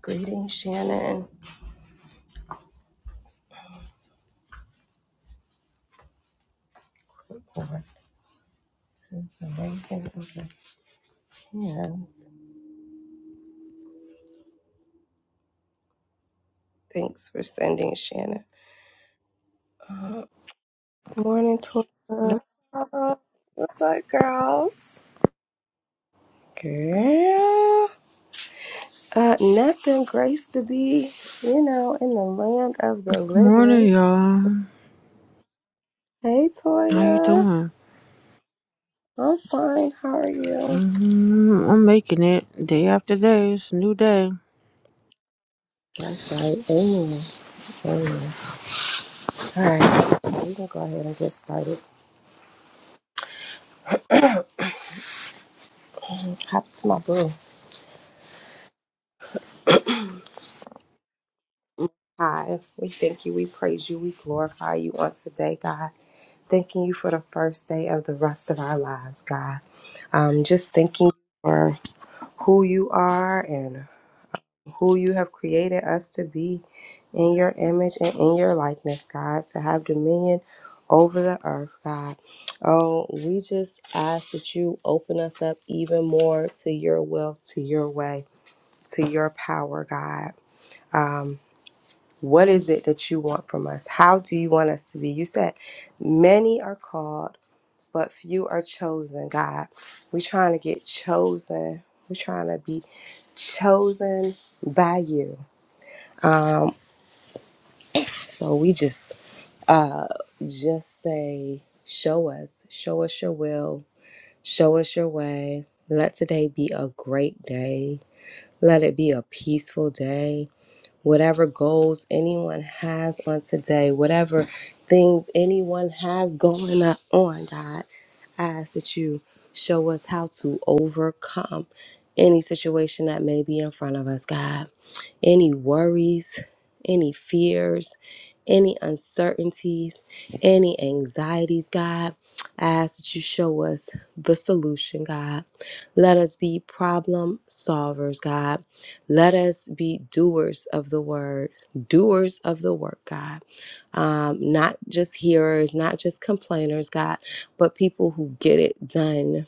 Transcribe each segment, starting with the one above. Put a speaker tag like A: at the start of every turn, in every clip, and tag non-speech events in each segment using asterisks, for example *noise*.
A: Greetings, Shannon. Lord, since the raising of the hands. Thanks for sending Shannon. Uh, morning,
B: No.
A: Tora.
B: What's up, girls?
A: Girl. Uh, nothing grace to be, you know, in the land of the
C: Morning,
A: living.
C: y'all.
A: Hey,
C: How you
A: Toya.
C: doing?
A: I'm fine. How are you?
C: hmm I'm making it day after day. It's a new day.
A: That's right. Amen. Amen. All right. We're going to go ahead and get started. And Hop to my boo. Hi. We thank you. We praise you. We glorify you on today, God. Thanking you for the first day of the rest of our lives, God. Um, just thanking you for who you are and who you have created us to be in your image and in your likeness, God, to have dominion over the earth, God. Oh, we just ask that you open us up even more to your will, to your way, to your power, God. Um, what is it that you want from us? How do you want us to be? You said, Many are called but few are chosen, God. We're trying to get chosen. We're trying to be chosen by you. So we just just say, show us, show us your will, show us your way. Let today be a great day. Let it be a peaceful day. whatever goals anyone has on today, whatever things anyone has going on, God. I ask that you show us how to overcome any situation that may be in front of us, God any worries, any fears, any uncertainties, any anxieties, God. I ask that you show us the solution, God. Let us be problem solvers, God. Let us be doers of the word, doers of the work, God. Um, not just hearers, not just complainers, God, but people who get it done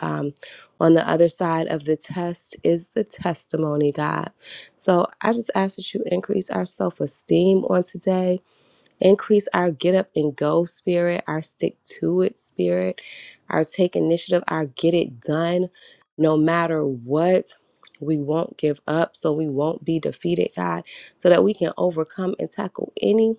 A: um, on the other side of the test is the testimony, God. So I just ask that you increase our self esteem on today, increase our get up and go spirit, our stick to it spirit, our take initiative, our get it done no matter what. We won't give up, so we won't be defeated, God, so that we can overcome and tackle any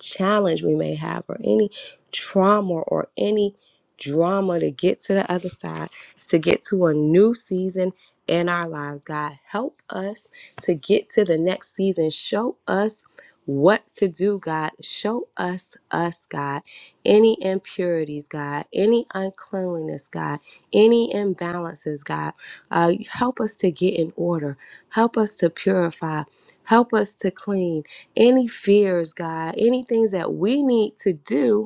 A: challenge we may have or any trauma or any drama to get to the other side, to get to a new season in our lives. God, help us to get to the next season. Show us what to do, God. Show us us, God. Any impurities, God. Any uncleanliness, God. Any imbalances, God. Uh, help us to get in order. Help us to purify. Help us to clean any fears, God, any things that we need to do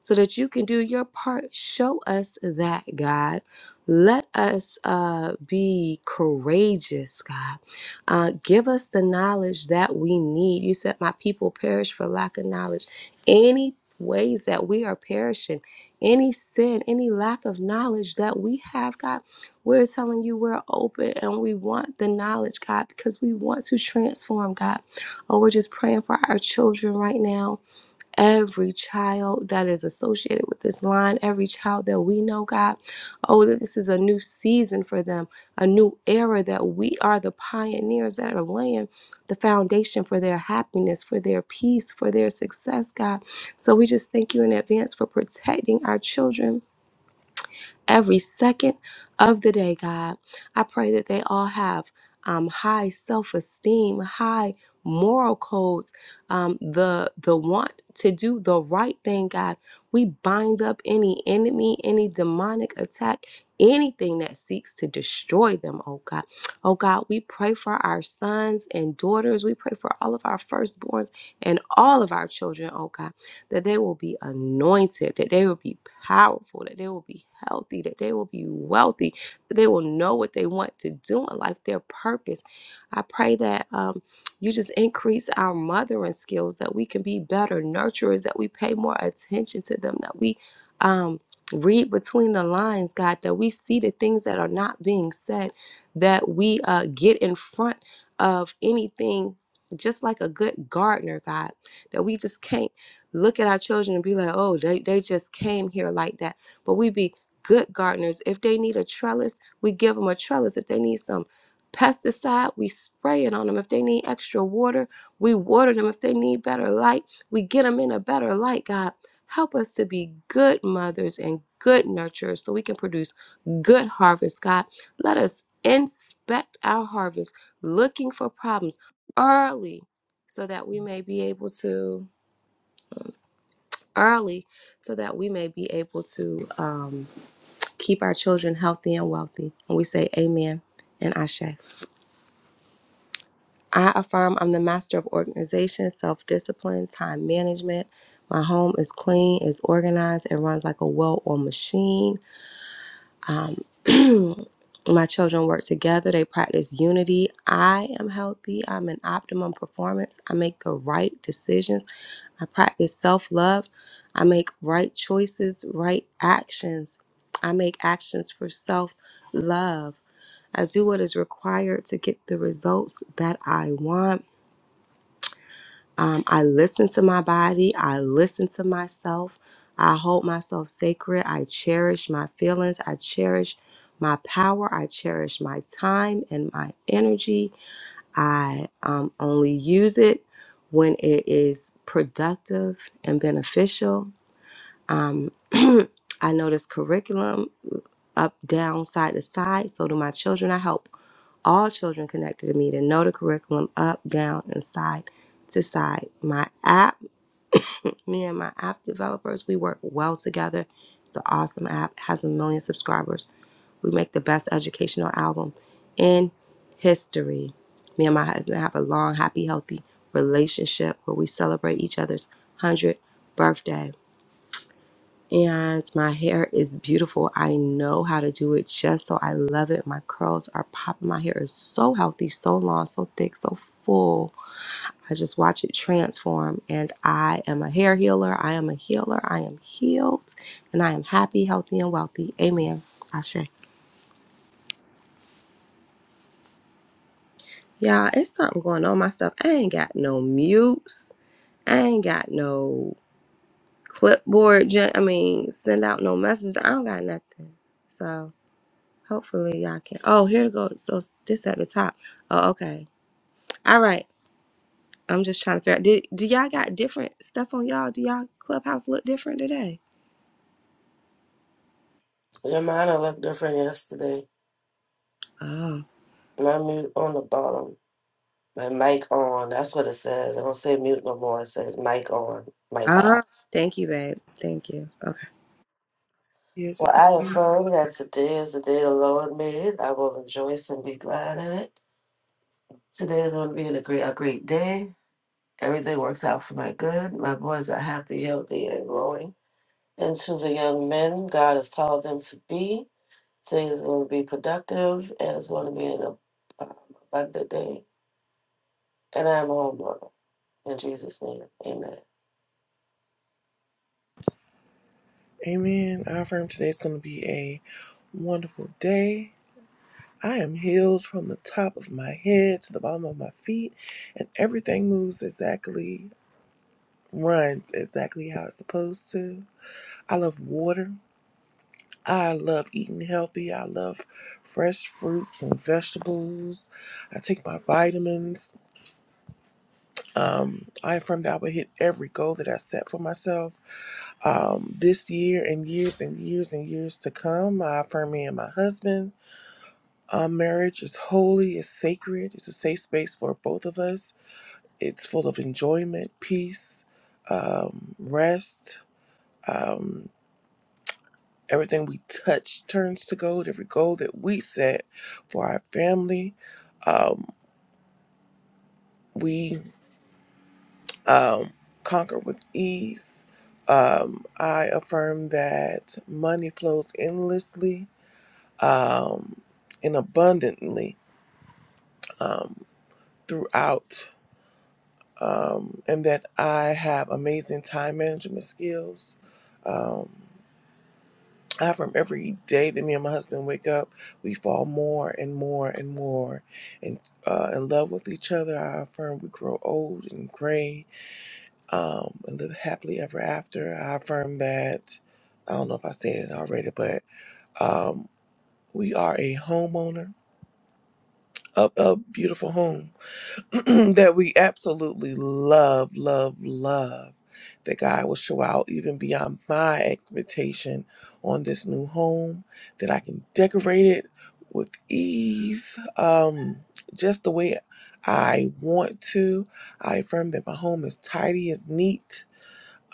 A: so that you can do your part. Show us that, God. Let us uh, be courageous, God. Uh, give us the knowledge that we need. You said, My people perish for lack of knowledge. Any ways that we are perishing, any sin, any lack of knowledge that we have, God, we're telling you we're open and we want the knowledge, God, because we want to transform, God. Oh, we're just praying for our children right now every child that is associated with this line, every child that we know, God. Oh, that this is a new season for them, a new era that we are the pioneers that are laying the foundation for their happiness, for their peace, for their success, God. So we just thank you in advance for protecting our children every second of the day, God. I pray that they all have um, high self esteem, high moral codes, um, the, the want to do the right thing, God. We bind up any enemy, any demonic attack. Anything that seeks to destroy them, oh God. Oh God, we pray for our sons and daughters. We pray for all of our firstborns and all of our children, oh God that they will be anointed, that they will be powerful, that they will be healthy, that they will be wealthy, that they will know what they want to do in life, their purpose. I pray that um, you just increase our mothering skills, that we can be better nurturers, that we pay more attention to them, that we um, read between the lines, God, that we see the things that are not being said, that we uh, get in front of anything just like a good gardener, God, that we just can't look at our children and be like, oh, they, they just came here like that. But we be good gardeners. If they need a trellis, we give them a trellis. If they need some pesticide, we spray it on them. If they need extra water, we water them. If they need better light, we get them in a better light, God. Help us to be good mothers and good nurturers so we can produce good harvest, God. Let us inspect our harvest, looking for problems early so that we may be able to early so that we may be able to um, keep our children healthy and wealthy. And we say amen and ashe. I affirm I'm the master of organization, self discipline, time management. My home is clean, is organized, it runs like a well oiled machine. Um, *clears throat* my children work together, they practice unity. I am healthy, I'm in optimum performance, I make the right decisions, I practice self love, I make right choices, right actions, I make actions for self love. I do what is required to get the results that I want. Um, I listen to my body. I listen to myself. I hold myself sacred. I cherish my feelings. I cherish my power. I cherish my time and my energy. I um, only use it when it is productive and beneficial. Um, *clears throat* I know this curriculum up, down, side to side. So do my children. I help all children connected to me to know the curriculum up, down, and side to side. My app me and my app developers, we work well together. It's an awesome app, It has a million subscribers. We make the best educational album in history. Me and my husband have a long, happy, healthy relationship where we celebrate each other's 100th birthday. And my hair is beautiful. I know how to do it just so I love it. My curls are popping. My hair is so healthy, so long, so thick, so full I just watch it transform. And I am a hair healer. I am a healer. I am healed. And I am happy, healthy, and wealthy. Amen. Ashe. Y'all, it's something going on my stuff. I ain't got no mutes. I ain't got no clipboard. gen- I mean, send out no message. I don't got nothing. So hopefully y'all can. Oh, here it goes. So this at the top. Oh, okay. All right. I'm just trying to figure out. Did, do y'all got different stuff on y'all? Do y'all clubhouse look different today?
D: Your mine looked different yesterday.
A: Oh.
D: My mute on the bottom. My mic on. That's what it says. I don't say mute no more. It says mic on, mic
A: Ah,
D: off.
A: thank you, babe. Thank you. Okay.
B: Yes,
D: Well,
B: it's
D: I affirm that today is the day the Lord made. I will rejoice and be glad in it. Today is going to be a great, a great day. Everything works out for my good. My boys are happy, healthy, and growing. And to the young men God has called them to be, today is going to be productive and it's going to be an ab- um, abundant day. And I'm homeowner. In Jesus' name, amen.
B: Amen. I affirm today's going to be a wonderful day. I am healed from the top of my head to the bottom of my feet, and everything moves exactly, runs exactly how it's supposed to. I love water. I love eating healthy. I love fresh fruits and vegetables. I take my vitamins. Um, I affirm that I will hit every goal that I set for myself. um, this year and years and years and years to come. I affirm me and my husband. Our marriage is holy, it's sacred, it's a safe space for both of us. It's full of enjoyment, peace, um, rest. Um, everything we touch turns to gold, every goal that we set for our family. Um, we um, conquer with ease. Um, I affirm that money flows endlessly um, and abundantly um, throughout, um, and that I have amazing time management skills. Um, I from every day that me and my husband wake up, we fall more and more and more and uh, in love with each other. I affirm we grow old and gray um, and live happily ever after. I affirm that I don't know if I said it already, but um, we are a homeowner of a beautiful home *clears throat* that we absolutely love, love, love. That God will show out even beyond my expectation on this new home. That I can decorate it with ease, um, just the way I want to. I affirm that my home is tidy, is neat.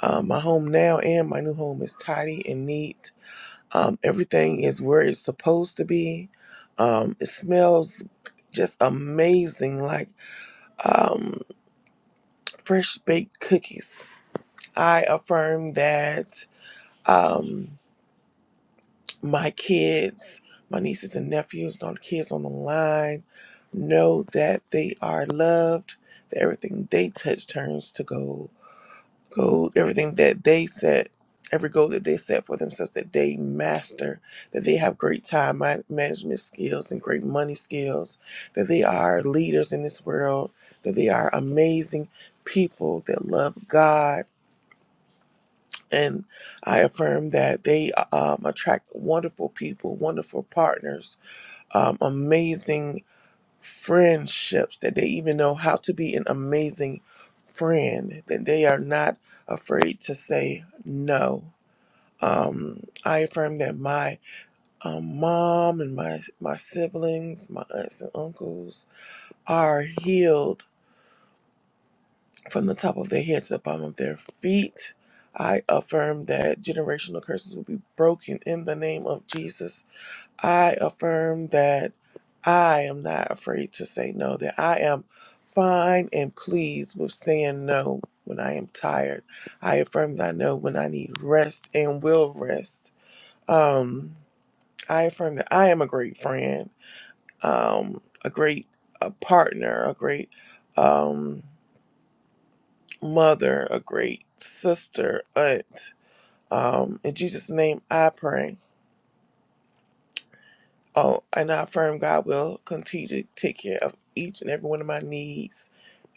B: Um, my home now and my new home is tidy and neat. Um, everything is where it's supposed to be. Um, it smells just amazing. Like um fresh baked cookies. I affirm that um, my kids, my nieces and nephews, and all the kids on the line know that they are loved, that everything they touch turns to gold. Gold, everything that they set, every goal that they set for themselves, that they master, that they have great time ma- management skills and great money skills, that they are leaders in this world, that they are amazing people that love God And I affirm that they um, attract wonderful people, wonderful partners, um, amazing friendships, that they even know how to be an amazing friend, that they are not afraid to say no. Um, I affirm that my um, mom and my, my siblings, my aunts and uncles are healed from the top of their head to the bottom of their feet. I affirm that generational curses will be broken in the name of Jesus. I affirm that I am not afraid to say no, that I am fine and pleased with saying no when I am tired. I affirm that I know when I need rest and will rest. Um, I affirm that I am a great friend, um, a great a partner, a great. Um, mother, a great sister, aunt. Um, in Jesus' name, I pray. Oh, and I affirm God will continue to take care of each and every one of my needs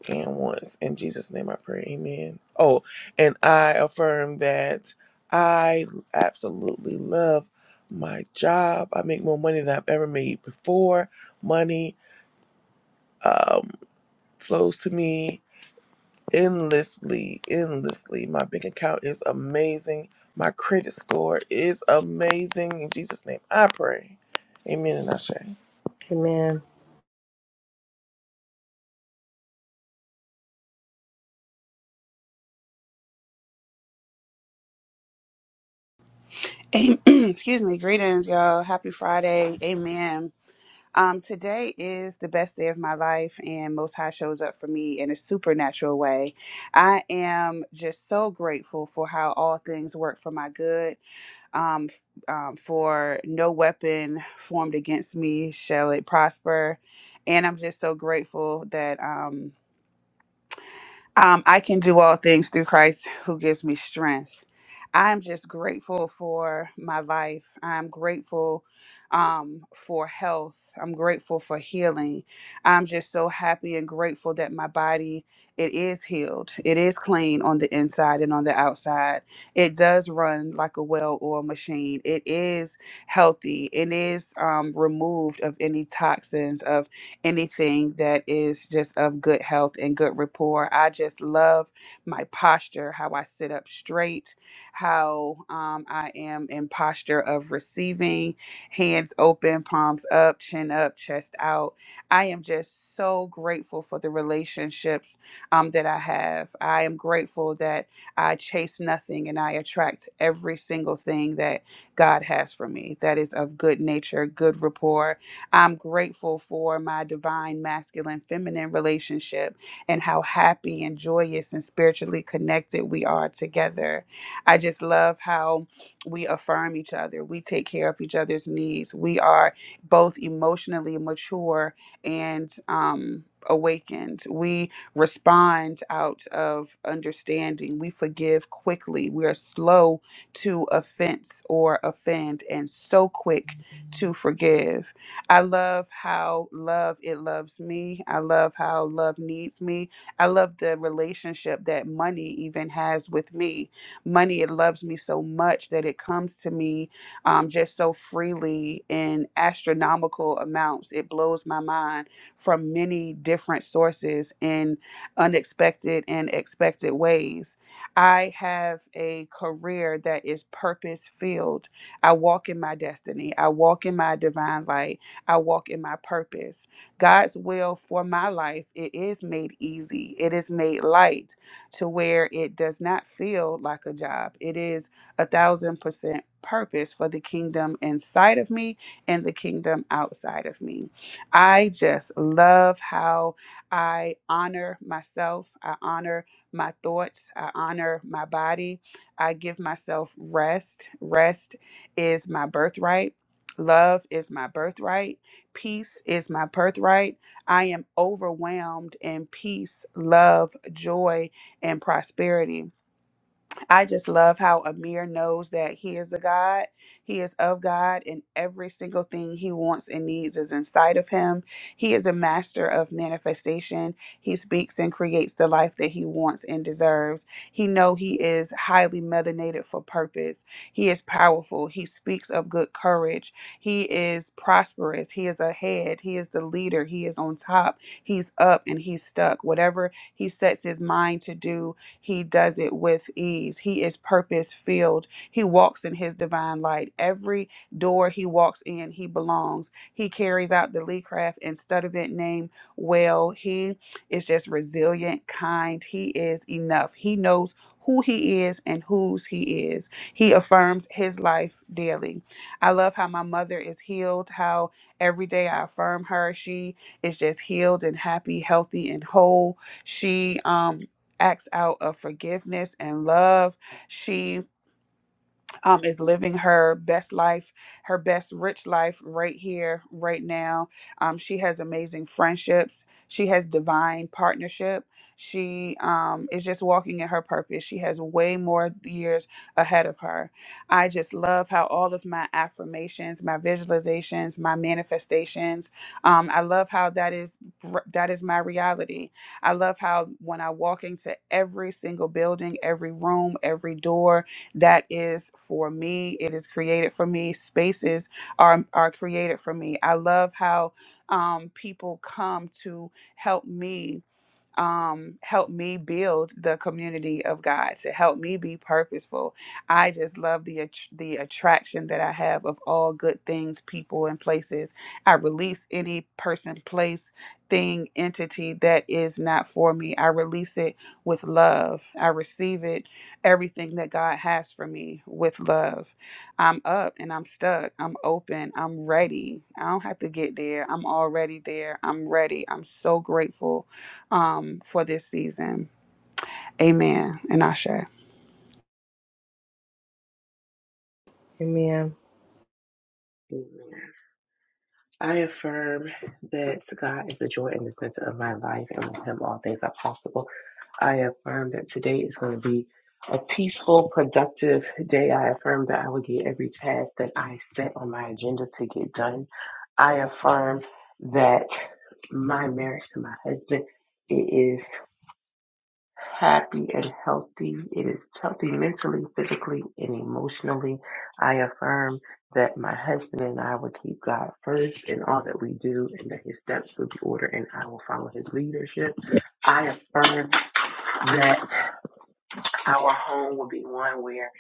B: and wants. In Jesus' name, I pray. Amen. Oh, and I affirm that I absolutely love my job. I make more money than I've ever made before. Money um, flows to me endlessly, endlessly. My bank account is amazing. My credit score is amazing. In Jesus' name, I pray. Amen. And I
A: Amen.
E: Am- *clears throat* Excuse me. Greetings, y'all. Happy Friday. Amen. Um, today is the best day of my life, and Most High shows up for me in a supernatural way. I am just so grateful for how all things work for my good. Um, f- um, for no weapon formed against me shall it prosper, and I'm just so grateful that um, um, I can do all things through Christ who gives me strength. I'm just grateful for my life. I'm grateful um, for health. I'm grateful for healing. I'm just so happy and grateful that my body it is healed. It is clean on the inside and on the outside. It does run like a well-oiled machine. It is healthy. It is um, removed of any toxins anything that is just of good health and good rapport. I just love my posture, how I sit up straight, how um, I am in posture of receiving, hands open, palms up, chin up, chest out. I am just so grateful for the relationships um, that I have. I am grateful that I chase nothing and I attract every single thing that God has for me that is of good nature, good rapport, I'm grateful for my divine masculine feminine relationship and how happy and joyous and spiritually connected we are together. I just love how we affirm each other, we take care of each other's needs, we are both emotionally mature and, um, Awakened. We respond out of understanding. We forgive quickly. We are slow to offense or offend and so quick to forgive. I love how love it loves me. I love how love needs me. I love the relationship that money even has with me. Money it loves me so much that it comes to me um, just so freely in astronomical amounts. It blows my mind from many different sources in unexpected and expected ways. I have a career that is purpose filled. I walk in my destiny. I walk in my divine light. I walk in my purpose. God's will for my life, it is made easy. It is made light to where it does not feel like a job. It is a thousand percent purpose for the kingdom inside of me and the kingdom outside of me. I just love how I honor myself. I honor my thoughts. I honor my body. I give myself rest. Rest is my birthright. Love is my birthright Peace is my birthright. I am overwhelmed in peace, love, joy, and prosperity. I just love how Amir knows that he is a God. He is of God, and every single thing he wants and needs is inside of him. He is a master of manifestation. He speaks and creates the life that he wants and deserves. He know he is highly melanated for purpose. He is powerful. He speaks of good courage. He is prosperous. He is ahead. He is the leader. He is on top. He's up and he's stuck. Whatever he sets his mind to do, he does it with ease. He is purpose filled. He walks in his divine light. Every door he walks in, he belongs. He carries out the Lee Craft and Studevant name well. He is just resilient, kind. He is enough. He knows who he is and whose he is. He affirms his life daily. I love how my mother is healed, how every day I affirm her. She is just healed and happy, healthy and whole. She um acts out of forgiveness and love. She um, is living her best life, her best rich life right here, right now. Um, she has amazing friendships. She has divine partnership. She um, is just walking in her purpose. She has way more years ahead of her. I just love how all of my affirmations, my visualizations, my manifestations. Um, I love how that is that is my reality. I love how when I walk into every single building, every room, every door, that is for me. It is created for me. Spaces are are created for me. I love how um, people come to help me um, helped me build the community of God, to help me be purposeful. I just love the att- the attraction that I have of all good things, people, and places. I release any person, place, thing, entity that is not for me. I release it with love. I receive it, everything that God has for me with love. I'm up and I'm stuck. I'm open. I'm ready. I don't have to get there. I'm already there. I'm ready. I'm so grateful um, for this season. Amen. And Ashe.
A: Amen.
F: Amen. I affirm that God is the joy in the center of my life, and with Him, all things are possible. I affirm that today is going to be a peaceful, productive day. I affirm that I will get every task that I set on my agenda to get done. I affirm that my marriage to my husband it is happy and healthy. It is healthy mentally, physically, and emotionally. I affirm that my husband and I will keep God first in all that we do and that his steps will be ordered and I will follow his leadership. I affirm that our home will be one where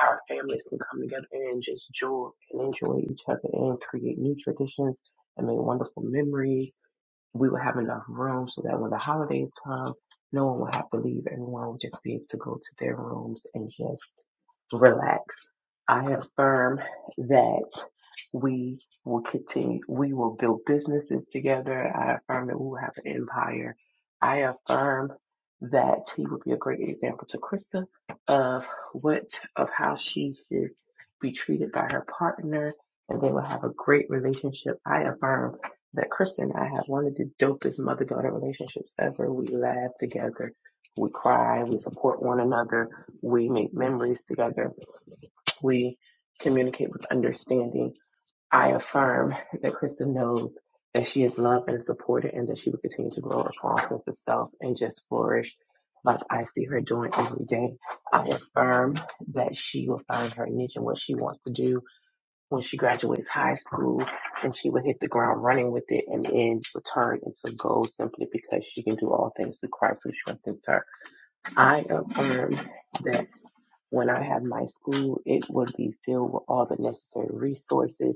F: our families can come together and just joy and enjoy each other and create new traditions and make wonderful memories we would have enough room so that when the holidays come, no one would have to leave. Everyone would just be able to go to their rooms and just relax. I affirm that we will continue, we will build businesses together. I affirm that we will have an empire. I affirm that he would be a great example to Krista of what, of how she should be treated by her partner and they will have a great relationship. I affirm that Krista and I have one of the dopest mother daughter relationships ever. We laugh together, we cry, we support one another, we make memories together, we communicate with understanding. I affirm that Krista knows that she is loved and supported and that she will continue to grow her strong sense of self and just flourish like I see her doing every day. I affirm that she will find her niche and what she wants to do when she graduates high school and she would hit the ground running with it and then return into gold simply because she can do all things through Christ who strengthens her. I affirm that when I have my school, it would be filled with all the necessary resources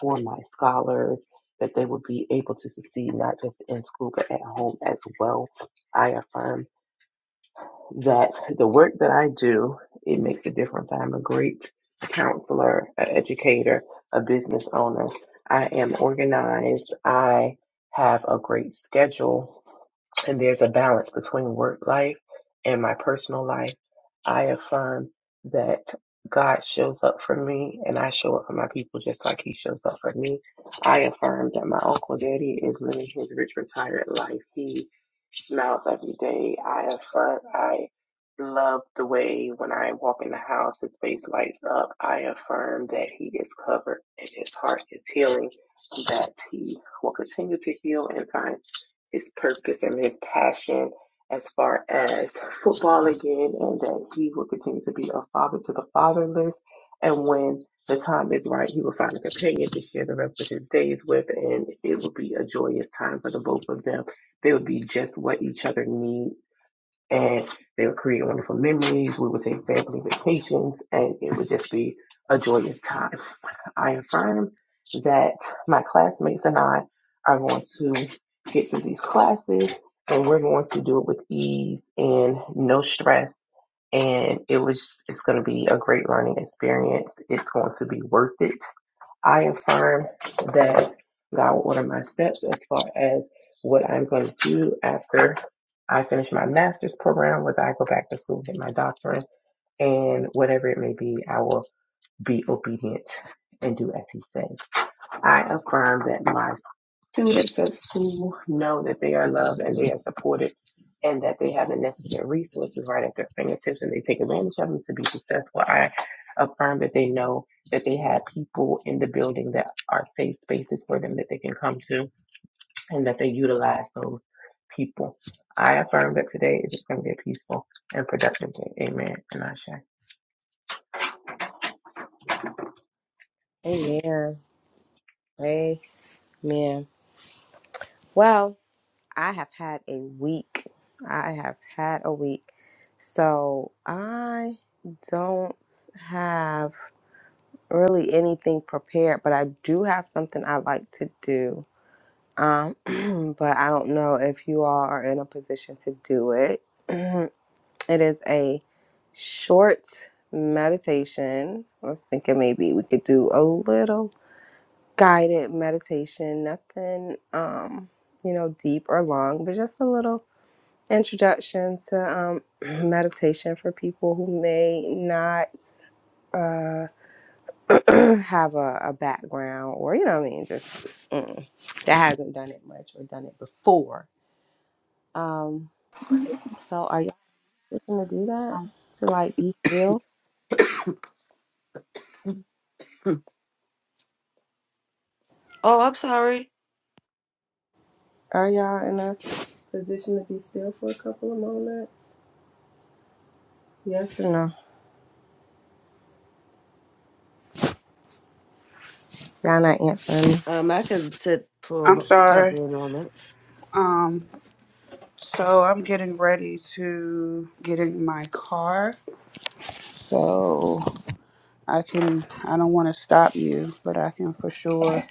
F: for my scholars, that they would be able to succeed not just in school but at home as well. I affirm that the work that I do, it makes a difference. I'm a great counselor, an educator, a business owner. I am organized. I have a great schedule and there's a balance between work life and my personal life. I affirm that God shows up for me and I show up for my people just like he shows up for me. I affirm that my uncle daddy is living his rich retired life. He smiles every day. I affirm I love the way when I walk in the house his face lights up. I affirm that he is covered and his heart is healing, that he will continue to heal and find his purpose and his passion as far as football again, and that he will continue to be a father to the fatherless. And when the time is right, he will find a companion to share the rest of his days with, and it will be a joyous time for the both of them. They will be just what each other needs and they would create wonderful memories. We would take family vacations, and it would just be a joyous time. I affirm that my classmates and I are going to get through these classes, and we're going to do it with ease and no stress. And it was it's going to be a great learning experience. It's going to be worth it I affirm that God will order my steps as far as what I'm going to do after I finish my master's program, whether I go back to school, get my doctorate, and whatever it may be, I will be obedient and do as He says. I affirm that my students at school know that they are loved and they are supported and that they have the necessary resources right at their fingertips and they take advantage of them to be successful. I affirm that they know that they have people in the building that are safe spaces for them that they can come to and that they utilize those people. I affirm that today is just going to be a peaceful and productive day. Amen. And I shall.
A: Amen. Amen. Well, I have had a week. I have had a week. So I don't have really anything prepared, but I do have something I like to do. Um, *clears throat* but I don't know if you all are in a position to do it. *clears throat* It is a short meditation. I was thinking maybe we could do a little guided meditation, nothing um, you know, deep or long, but just a little introduction to um, *clears throat* meditation for people who may not uh, *clears throat* have a, a background or you know what I mean, just mm, that hasn't done it much or done it before. Um, so are y'all just gonna do that to like be still?
D: Oh, I'm sorry.
A: Are y'all in enough? position to be still for a couple of moments? Yes or no? Y'all not answering. me.
D: Um, I can sit for
E: I'm
D: a
E: sorry.
D: couple of moments.
E: Um, so I'm getting ready to get in my car. So I can, I don't want to stop you, but I can for sure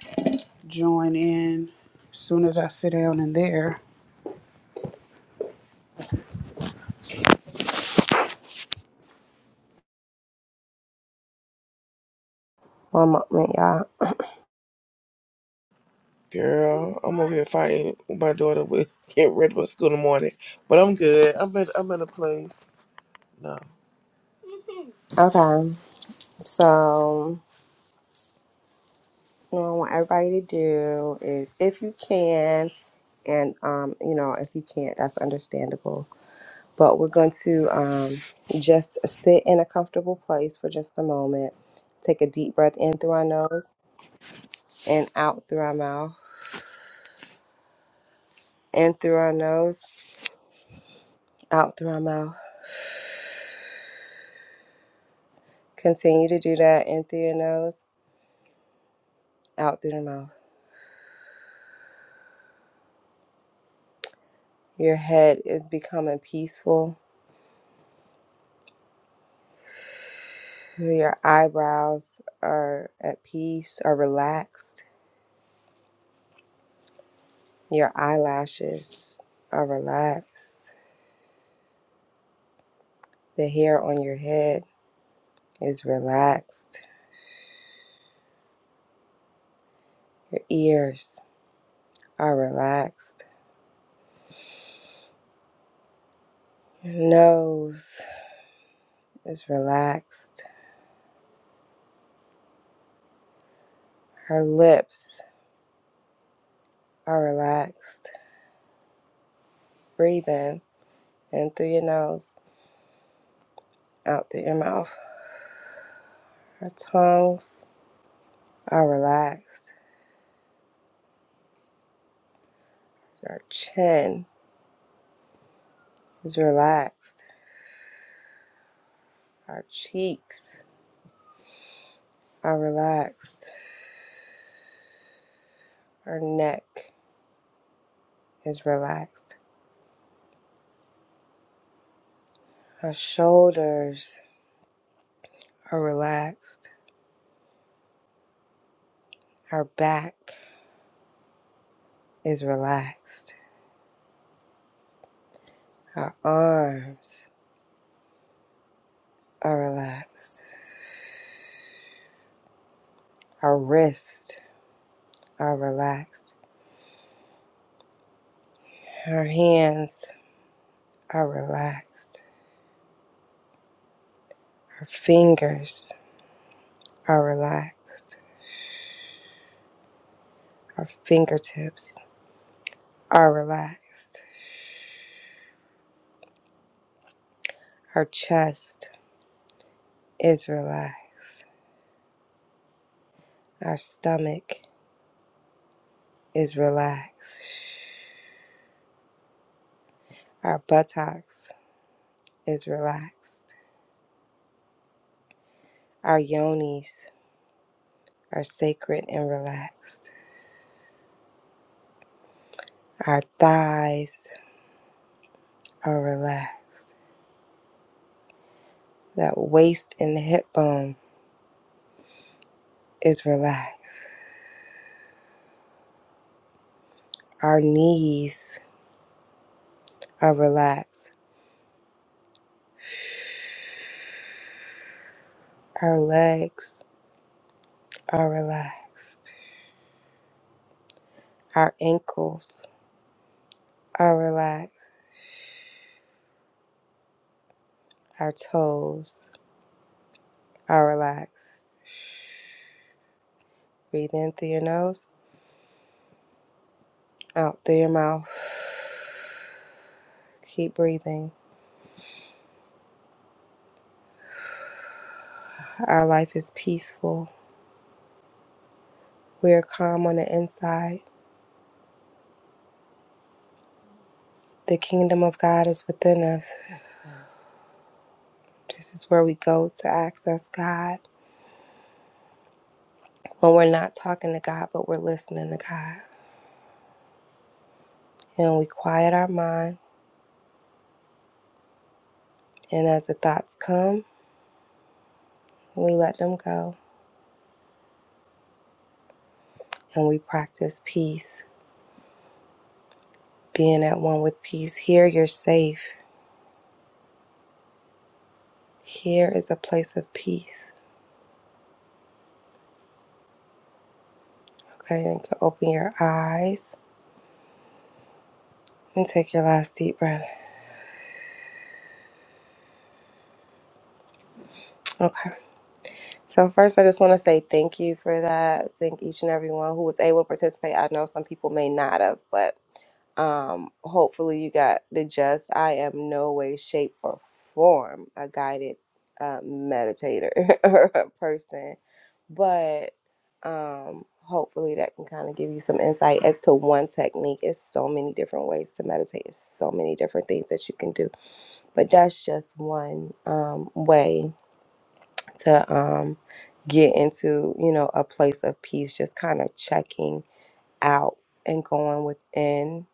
E: join in as soon as I sit down in there.
A: One moment, y'all.
B: girl, I'm over here fighting with my daughter with *laughs* getting ready for school in the morning, but I'm good. I'm in, I'm in a place. No,
A: Okay. So what I want everybody to do is if you can and um, you know, if you can't, that's understandable. But we're going to um just sit in a comfortable place for just a moment. Take a deep breath in through our nose and out through our mouth. In through our nose, out through our mouth. Continue to do that in through your nose, out through your mouth. Your head is becoming peaceful. Your eyebrows are at peace, are relaxed. Your eyelashes are relaxed. The hair on your head is relaxed. Your ears are relaxed. Your nose is relaxed. Her lips are relaxed. Breathe in and through your nose, out through your mouth. Her tongues are relaxed. Her chin is relaxed Our cheeks are relaxed. Our neck is relaxed. Our shoulders are relaxed. Our back is relaxed. Our arms are relaxed. Our wrists are relaxed. Our hands are relaxed. Our fingers are relaxed. Our fingertips are relaxed. Our chest is relaxed. Our stomach is relaxed. Our buttocks is relaxed. Our yonis are sacred and relaxed. Our thighs are relaxed. That waist and hip bone is relaxed. Our knees are relaxed. Our legs are relaxed. Our ankles are relaxed. our toes are relaxed. Breathe in through your nose, out through your mouth. Keep breathing. Our life is peaceful. We are calm on the inside. The kingdom of God is within us. This is where we go to access God. When we're not talking to God, but we're listening to God. And we quiet our mind. And as the thoughts come, we let them go. And we practice peace, being at one with peace. Here, you're safe. Here is a place of peace. Okay, and you can open your eyes and take your last deep breath. Okay. So first, I just want to say thank you for that. Thank each and everyone who was able to participate. I know some people may not have, but um, hopefully you got the gist. I am no way, shape, or form a guided uh, meditator *laughs* or a person. but um, hopefully that can kind of give you some insight as to one technique. It's so many different ways to meditate. It's so many different things that you can do, but that's just one um, way to um, get into you know a place of peace. Just kind of checking out and going within.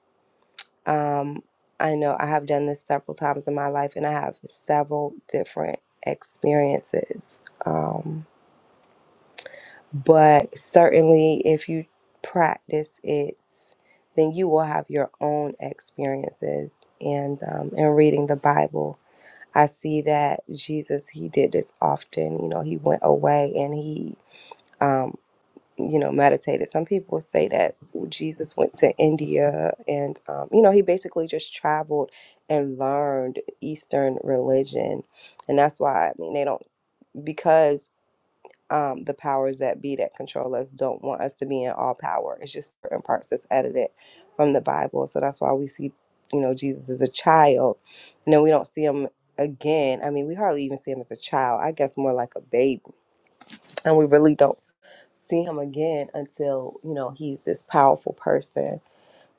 A: Um, I know I have done this several times in my life, and I have several different experiences. Um, But certainly, if you practice it, then you will have your own experiences. And um, in reading the Bible, I see that Jesus, he did this often. You know, he went away and he, um, you know, meditated. Some people say that Jesus went to India and, um, you know, he basically just traveled and learned Eastern religion. And that's why, I mean, they don't, because um, the powers that be that control us don't want us to be in all power. It's just certain parts that's edited from the Bible. So that's why we see, you know, Jesus as a child. And then we don't see him again. I mean, we hardly even see him as a child, I guess more like a baby. And we really don't see him again until, you know, he's this powerful person.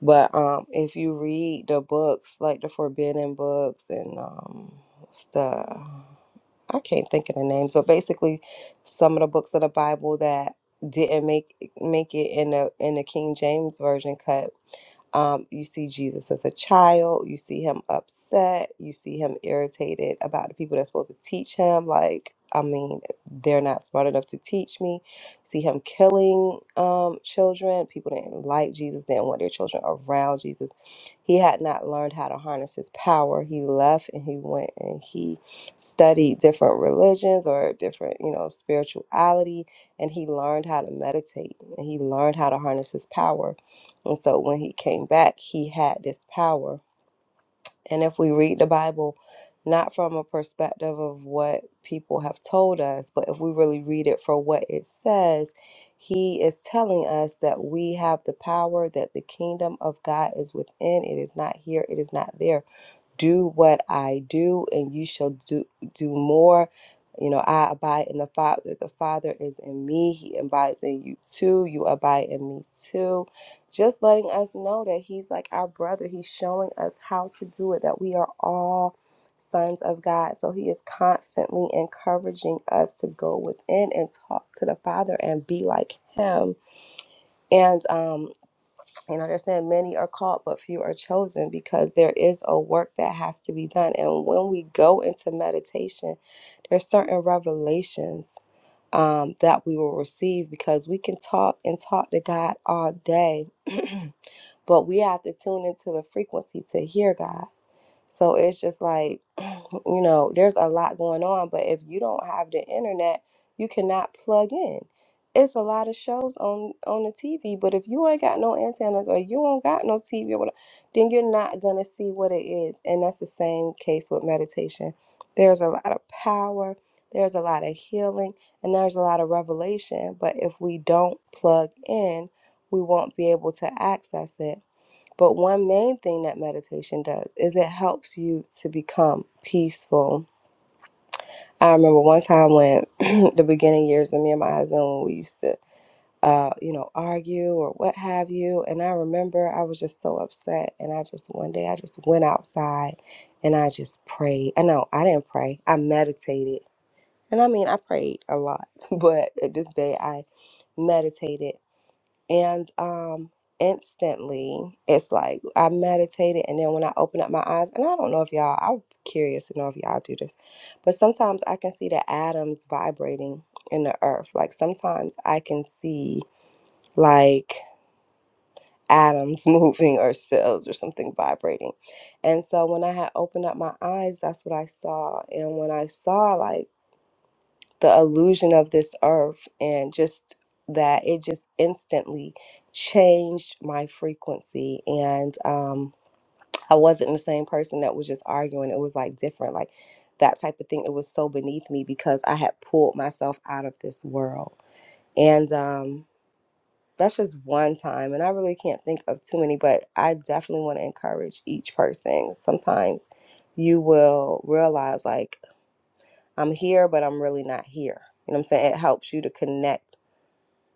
A: But um, if you read the books, like the Forbidden Books and um, stuff I can't think of the name. So basically some of the books of the Bible that didn't make make it in the in the King James version cut um, you see Jesus as a child. You see him upset. You see him irritated about the people that's supposed to teach him. Like, I mean, they're not smart enough to teach me. See him killing um, children. People didn't like Jesus, didn't want their children around Jesus. He had not learned how to harness his power. He left and he went and he studied different religions or different, you know, spirituality. And he learned how to meditate and he learned how to harness his power and so when he came back, he had this power. And if we read the Bible, not from a perspective of what people have told us, but if we really read it for what it says, he is telling us that we have the power, that the kingdom of God is within. It is not here, it is not there do what I do, and you shall do do more. You know, I abide in the Father. The Father is in me. He abides in you too. You abide in me too. Just letting us know that He's like our brother. He's showing us how to do it. That we are all sons of God. So He is constantly encouraging us to go within and talk to the Father and be like Him. And um, and understand many are called, but few are chosen because there is a work that has to be done. And when we go into meditation, there's certain revelations um, that we will receive because we can talk and talk to God all day, *clears throat* but we have to tune into the frequency to hear God. So it's just like, *clears throat* you know, there's a lot going on, but if you don't have the internet, you cannot plug in. It's a lot of shows on on the TV, but if you ain't got no antennas or you don't got no TV or whatever, then you're not gonna see what it is. And that's the same case with meditation. There's a lot of power, there's a lot of healing, and there's a lot of revelation. But if we don't plug in, we won't be able to access it. But one main thing that meditation does is it helps you to become peaceful. I remember one time when *clears throat* the beginning years of me and my husband when we used to uh, you know, argue or what have you. And I remember I was just so upset and I just one day I just went outside and I just prayed. I know I didn't pray. I meditated. And I mean I prayed a lot, *laughs* but at this day I meditated and um, instantly, it's like I meditated, and then when I open up my eyes, and I don't know if y'all, I'm curious to know if y'all do this, but sometimes I can see the atoms vibrating in the earth. Like sometimes I can see like atoms *laughs* moving or cells or something vibrating. And so when I had opened up my eyes, that's what I saw. And when I saw, like, the illusion of this earth and just that it just instantly changed my frequency and um I wasn't the same person that was just arguing it was like different like that type of thing it was so beneath me because I had pulled myself out of this world and um that's just one time and I really can't think of too many but I definitely want to encourage each person sometimes you will realize like I'm here, but I'm really not here. You know what I'm saying? It helps you to connect.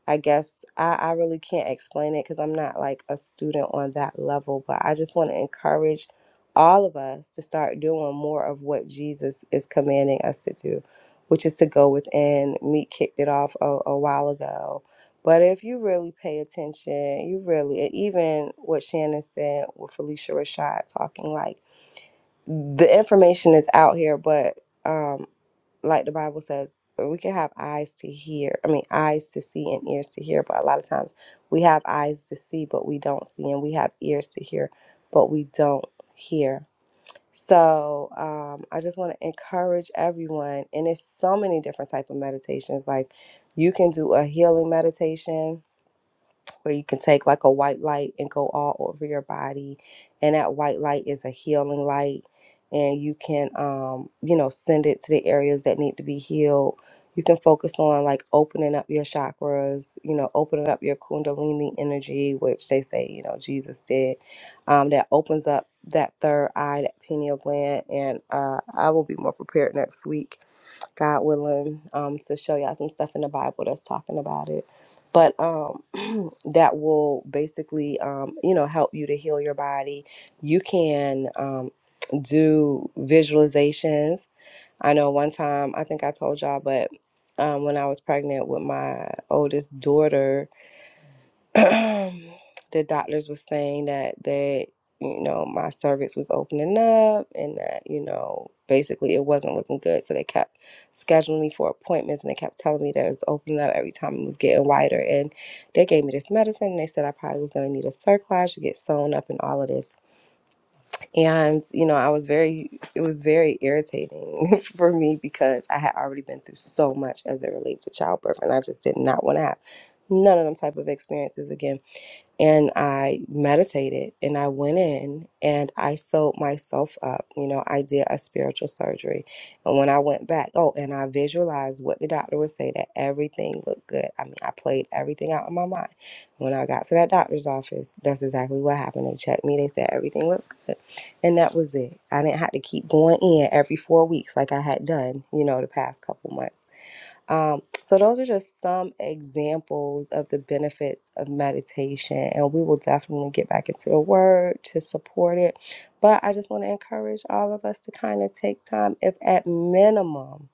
A: I guess I, I really can't explain it because I'm not like a student on that level, but I just want to encourage all of us to start doing more of what Jesus is commanding us to do, which is to go within. Meat kicked it off a, a while ago. But if you really pay attention, you really, and even what Shannon said with Felicia Rashad talking like, the information is out here, but um, like the Bible says, we can have eyes to hear. I mean, eyes to see and ears to hear, but a lot of times we have eyes to see, but we don't see, and we have ears to hear, but we don't hear. So um, I just want to encourage everyone, and there's so many different type of meditations. Like you can do a healing meditation where you can take like a white light and go all over your body. And that white light is a healing light. And you can, um, you know, send it to the areas that need to be healed. You can focus on like opening up your chakras, you know, opening up your Kundalini energy, which they say, you know, Jesus did. Um, that opens up that third eye, that pineal gland. And uh, I will be more prepared next week God willing, um, to show y'all some stuff in the Bible that's talking about it. But um, *clears throat* that will basically, um, you know, help you to heal your body. You can um, do visualizations. I know one time, I think I told y'all, but um, when I was pregnant with my oldest daughter, *clears throat* the doctors were saying that that you know my cervix was opening up and that you know basically it wasn't looking good so they kept scheduling me for appointments and they kept telling me that it was opening up every time it was getting wider and they gave me this medicine and they said i probably was going to need a cerclage to get sewn up and all of this and you know i was very it was very irritating *laughs* for me because i had already been through so much as it relates to childbirth and i just did not want to have none of them type of experiences again and I meditated and I went in and I sewed myself up. You know, I did a spiritual surgery. And when I went back, oh, and I visualized what the doctor would say that everything looked good. I mean, I played everything out in my mind. When I got to that doctor's office, that's exactly what happened. They checked me, they said everything looks good. And that was it. I didn't have to keep going in every four weeks like I had done, you know, the past couple months. Um, so those are just some examples of the benefits of meditation, and we will definitely get back into the word to support it. But I just want to encourage all of us to kind of take time, if at minimum,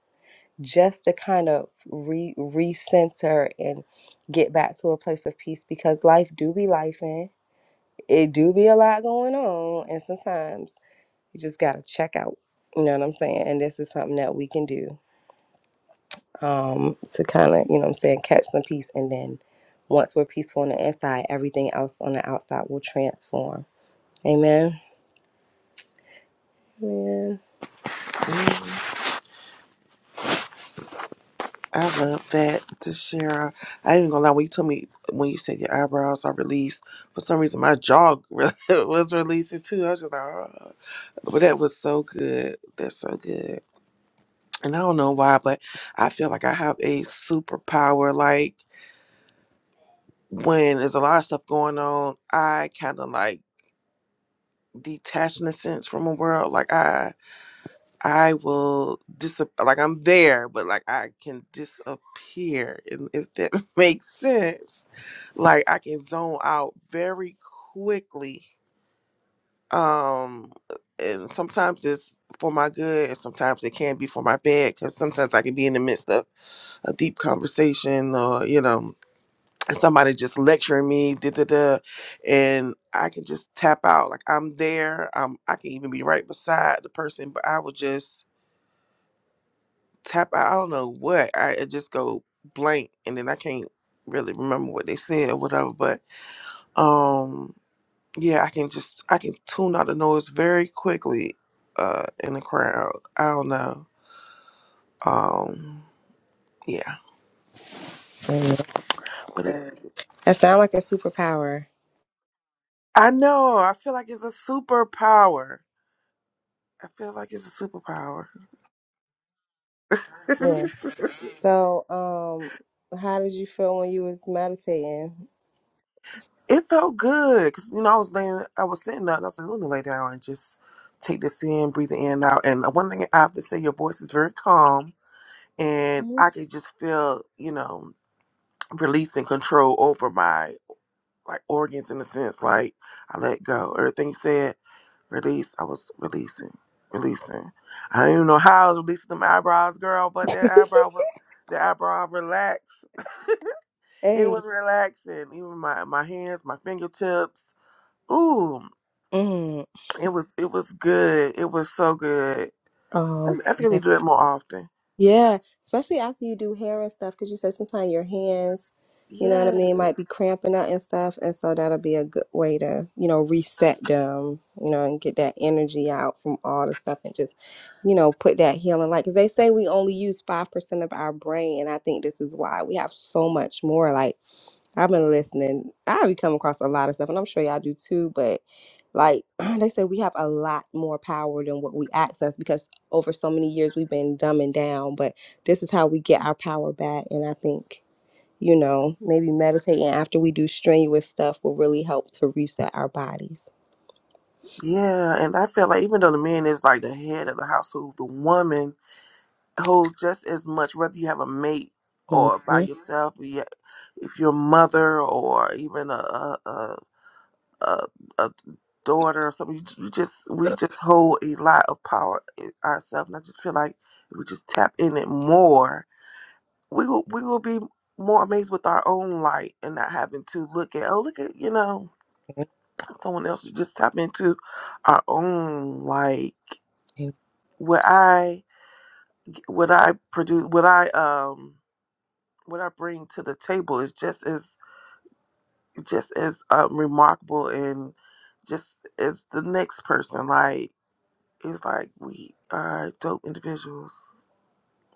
A: just to kind of re recenter and get back to a place of peace because life do be life in. It do be a lot going on, and sometimes you just gotta check out. You know what I'm saying? And this is something that we can do um, to kind of, you know what I'm saying, catch some peace. And then once we're peaceful on the inside, everything else on the outside will transform. Amen. Amen.
B: I love that, Deshara. I ain't gonna lie. When you told me when you said your eyebrows are released, for some reason my jaw *laughs* was releasing too. I was just like, oh. but that was so good. That's so good. and I don't know why, but I feel like I have a superpower. Like when there's a lot of stuff going on, I kind of like detach in a sense from a world. Like I, I will dis like I'm there, but like I can disappear, and if that *laughs* makes sense, like I can zone out very quickly. Um, and sometimes it's for my good, and sometimes it can be for my bad, because sometimes I can be in the midst of a deep conversation or you know somebody just lecturing me da, da, da, and i can just tap out like i'm there um, i can even be right beside the person but i will just tap out i don't know what i it just go blank and then i can't really remember what they said or whatever but um yeah i can just i can tune out the noise very quickly uh in the crowd i don't know um yeah
A: Amen.
B: but it's,
A: That sounds like a superpower.
B: i know i feel like it's a superpower I feel like it's a superpower.
A: Yeah. So, um, how did you feel when you was meditating?
B: *laughs* it felt good because you know I was laying, I was sitting up, and I was like, let me lay down and just take this in, breathe it in and out. And one thing I have to say, your voice is very calm, and I
A: *laughs*
B: could just feel, you know, release and control over my like organs in a sense. Like I let go. Everything you said, release. I was releasing, releasing. I don't even know how I was releasing them eyebrows, girl, but their eyebrow was the eyebrow relaxed. It
A: hey.
B: was relaxing. Even my my hands, my fingertips. Ooh,
A: Mm.
B: it was it was good. It was so good. I,
A: Oh,
B: I think I need to do it more often.
A: Yeah, especially after you do hair and stuff, because you said sometimes your hands, you know what I
B: Yes,
A: mean, might be cramping up and stuff, and so that'll be a good way to, you know, reset them, you know, and get that energy out from all the stuff and just, you know, put that healing light. Because they say we only use 5% of our brain, and I think this is why we have so much more. Like, I've been listening. I be come across a lot of stuff, and I'm sure y'all do too. But like *clears throat* they said, we have a lot more power than what we access because over so many years we've been dumbing down. But this is how we get our power back, and I think you know maybe meditating after we do strenuous stuff will really help to reset our bodies.
B: yeah. And I feel like even though the man is like the head of the household, the woman holds just as much. Whether you have a mate
A: hmm
B: or by yourself, yeah, if you're a mother or even a a a, a, a daughter or something, you ju- you just we just hold a lot of power in ourselves. And I just feel like if we just tap in it more. we will we will be more amazed with our own light and not having to look at oh look at you know someone else to just tap into our own like what I what I produce what I um what I bring to the table is just as just as um, remarkable and just as the next person like it's like we are dope individuals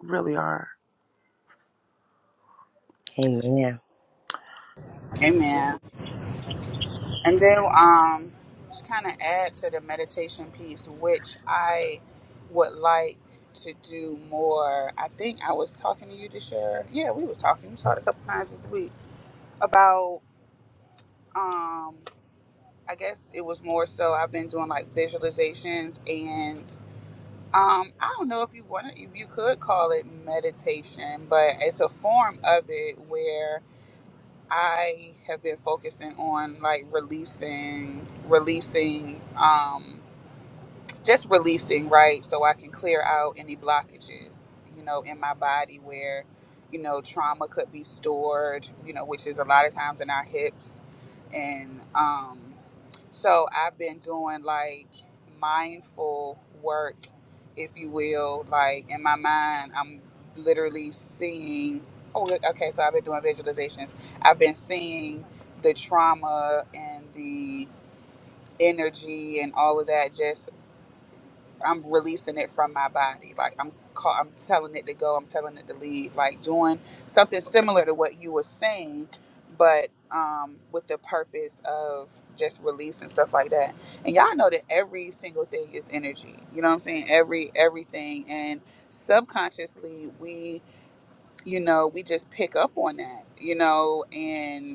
B: really are.
A: Amen.
E: Amen. And then um, just kind of add to the meditation piece, which I would like to do more. I think I was talking to you to share. Yeah, we was talking. We talked a couple times this week about. Um, I guess it was more so. I've been doing like visualizations, and um, I don't know if you want to, if you could call it meditation, but it's a form of it where I have been focusing on like releasing, releasing, um, just releasing, right? So I can clear out any blockages, you know, in my body where, you know, trauma could be stored, you know, which is a lot of times in our hips. And, um, so I've been doing like mindful work, if you will. Like in my mind, I'm literally seeing. Oh, okay. So I've been doing visualizations. I've been seeing the trauma and the energy and all of that just I'm releasing it from my body. Like I'm call, I'm telling it to go. I'm telling it to leave. Like doing something similar to what you were saying, but um, with the purpose of just release and stuff like that. And y'all know that every single thing is energy. You know what I'm saying? Every everything. And subconsciously, we you know we just pick up on that. You know and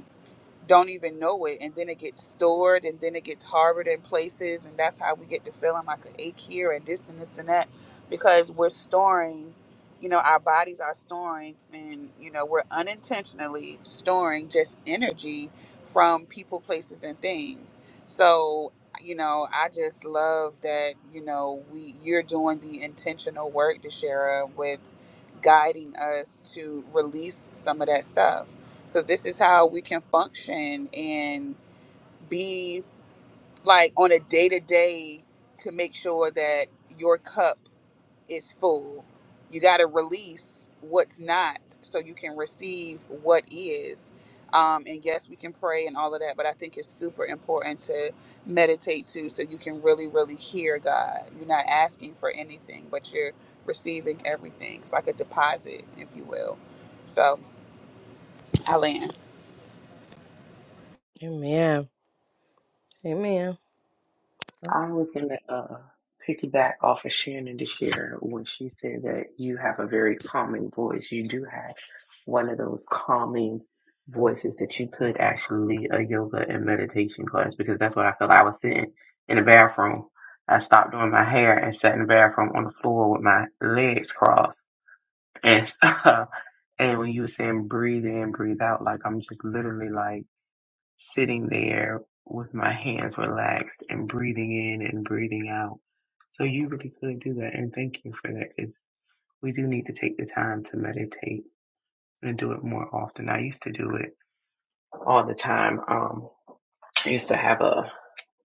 E: don't even know it and then it gets stored and then it gets harbored in places and that's how we get to feeling like an ache here and this and this and that because we're storing you know our bodies are storing and you know we're unintentionally storing just energy from people places and things so you know i just love that you know we you're doing the intentional work DeShara, with guiding us to release some of that stuff because this is how we can function and be like on a day to day to make sure that your cup is full. You got to release what's not so you can receive what is. Um, and yes, we can pray and all of that, but I think it's super important to meditate too so you can really, really hear God. You're not asking for anything, but you're receiving everything. It's like a deposit, if you will. So I land.
A: Amen. Amen.
F: I was gonna uh piggyback off of Shannon this year when she said that you have a very calming voice. You do have one of those calming voices that you could actually lead a yoga and meditation class because that's what I felt. I was sitting in the bathroom. I stopped doing my hair and sat in the bathroom on the floor with my legs crossed and *laughs* stuff. And when you were saying breathe in, breathe out, like I'm just literally like sitting there with my hands relaxed and breathing in and breathing out. So you really could do that, and thank you for that because we do need to take the time to meditate and do it more often. I used to do it all the time. Um, I used to have a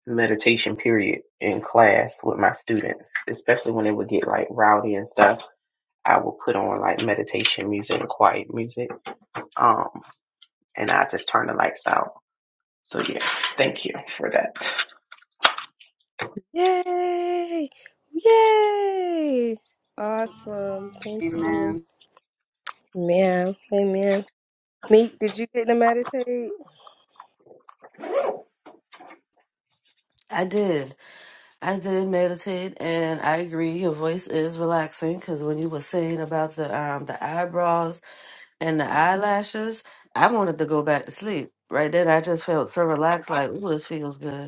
F: meditation period in class with my students, especially when it would get like rowdy and stuff. I would put on like meditation music and quiet music, um, and I just turn the lights out. So yeah, thank you for that.
A: Yay! Yay! Awesome. Thank you.
E: Amen.
A: Yeah, amen. Meek, did you get to meditate?
D: I did. I did meditate, and I agree. Your voice is relaxing because when you were saying about the um the eyebrows and the eyelashes, I wanted to go back to sleep. Right then, I just felt so relaxed. Like, ooh, this feels good.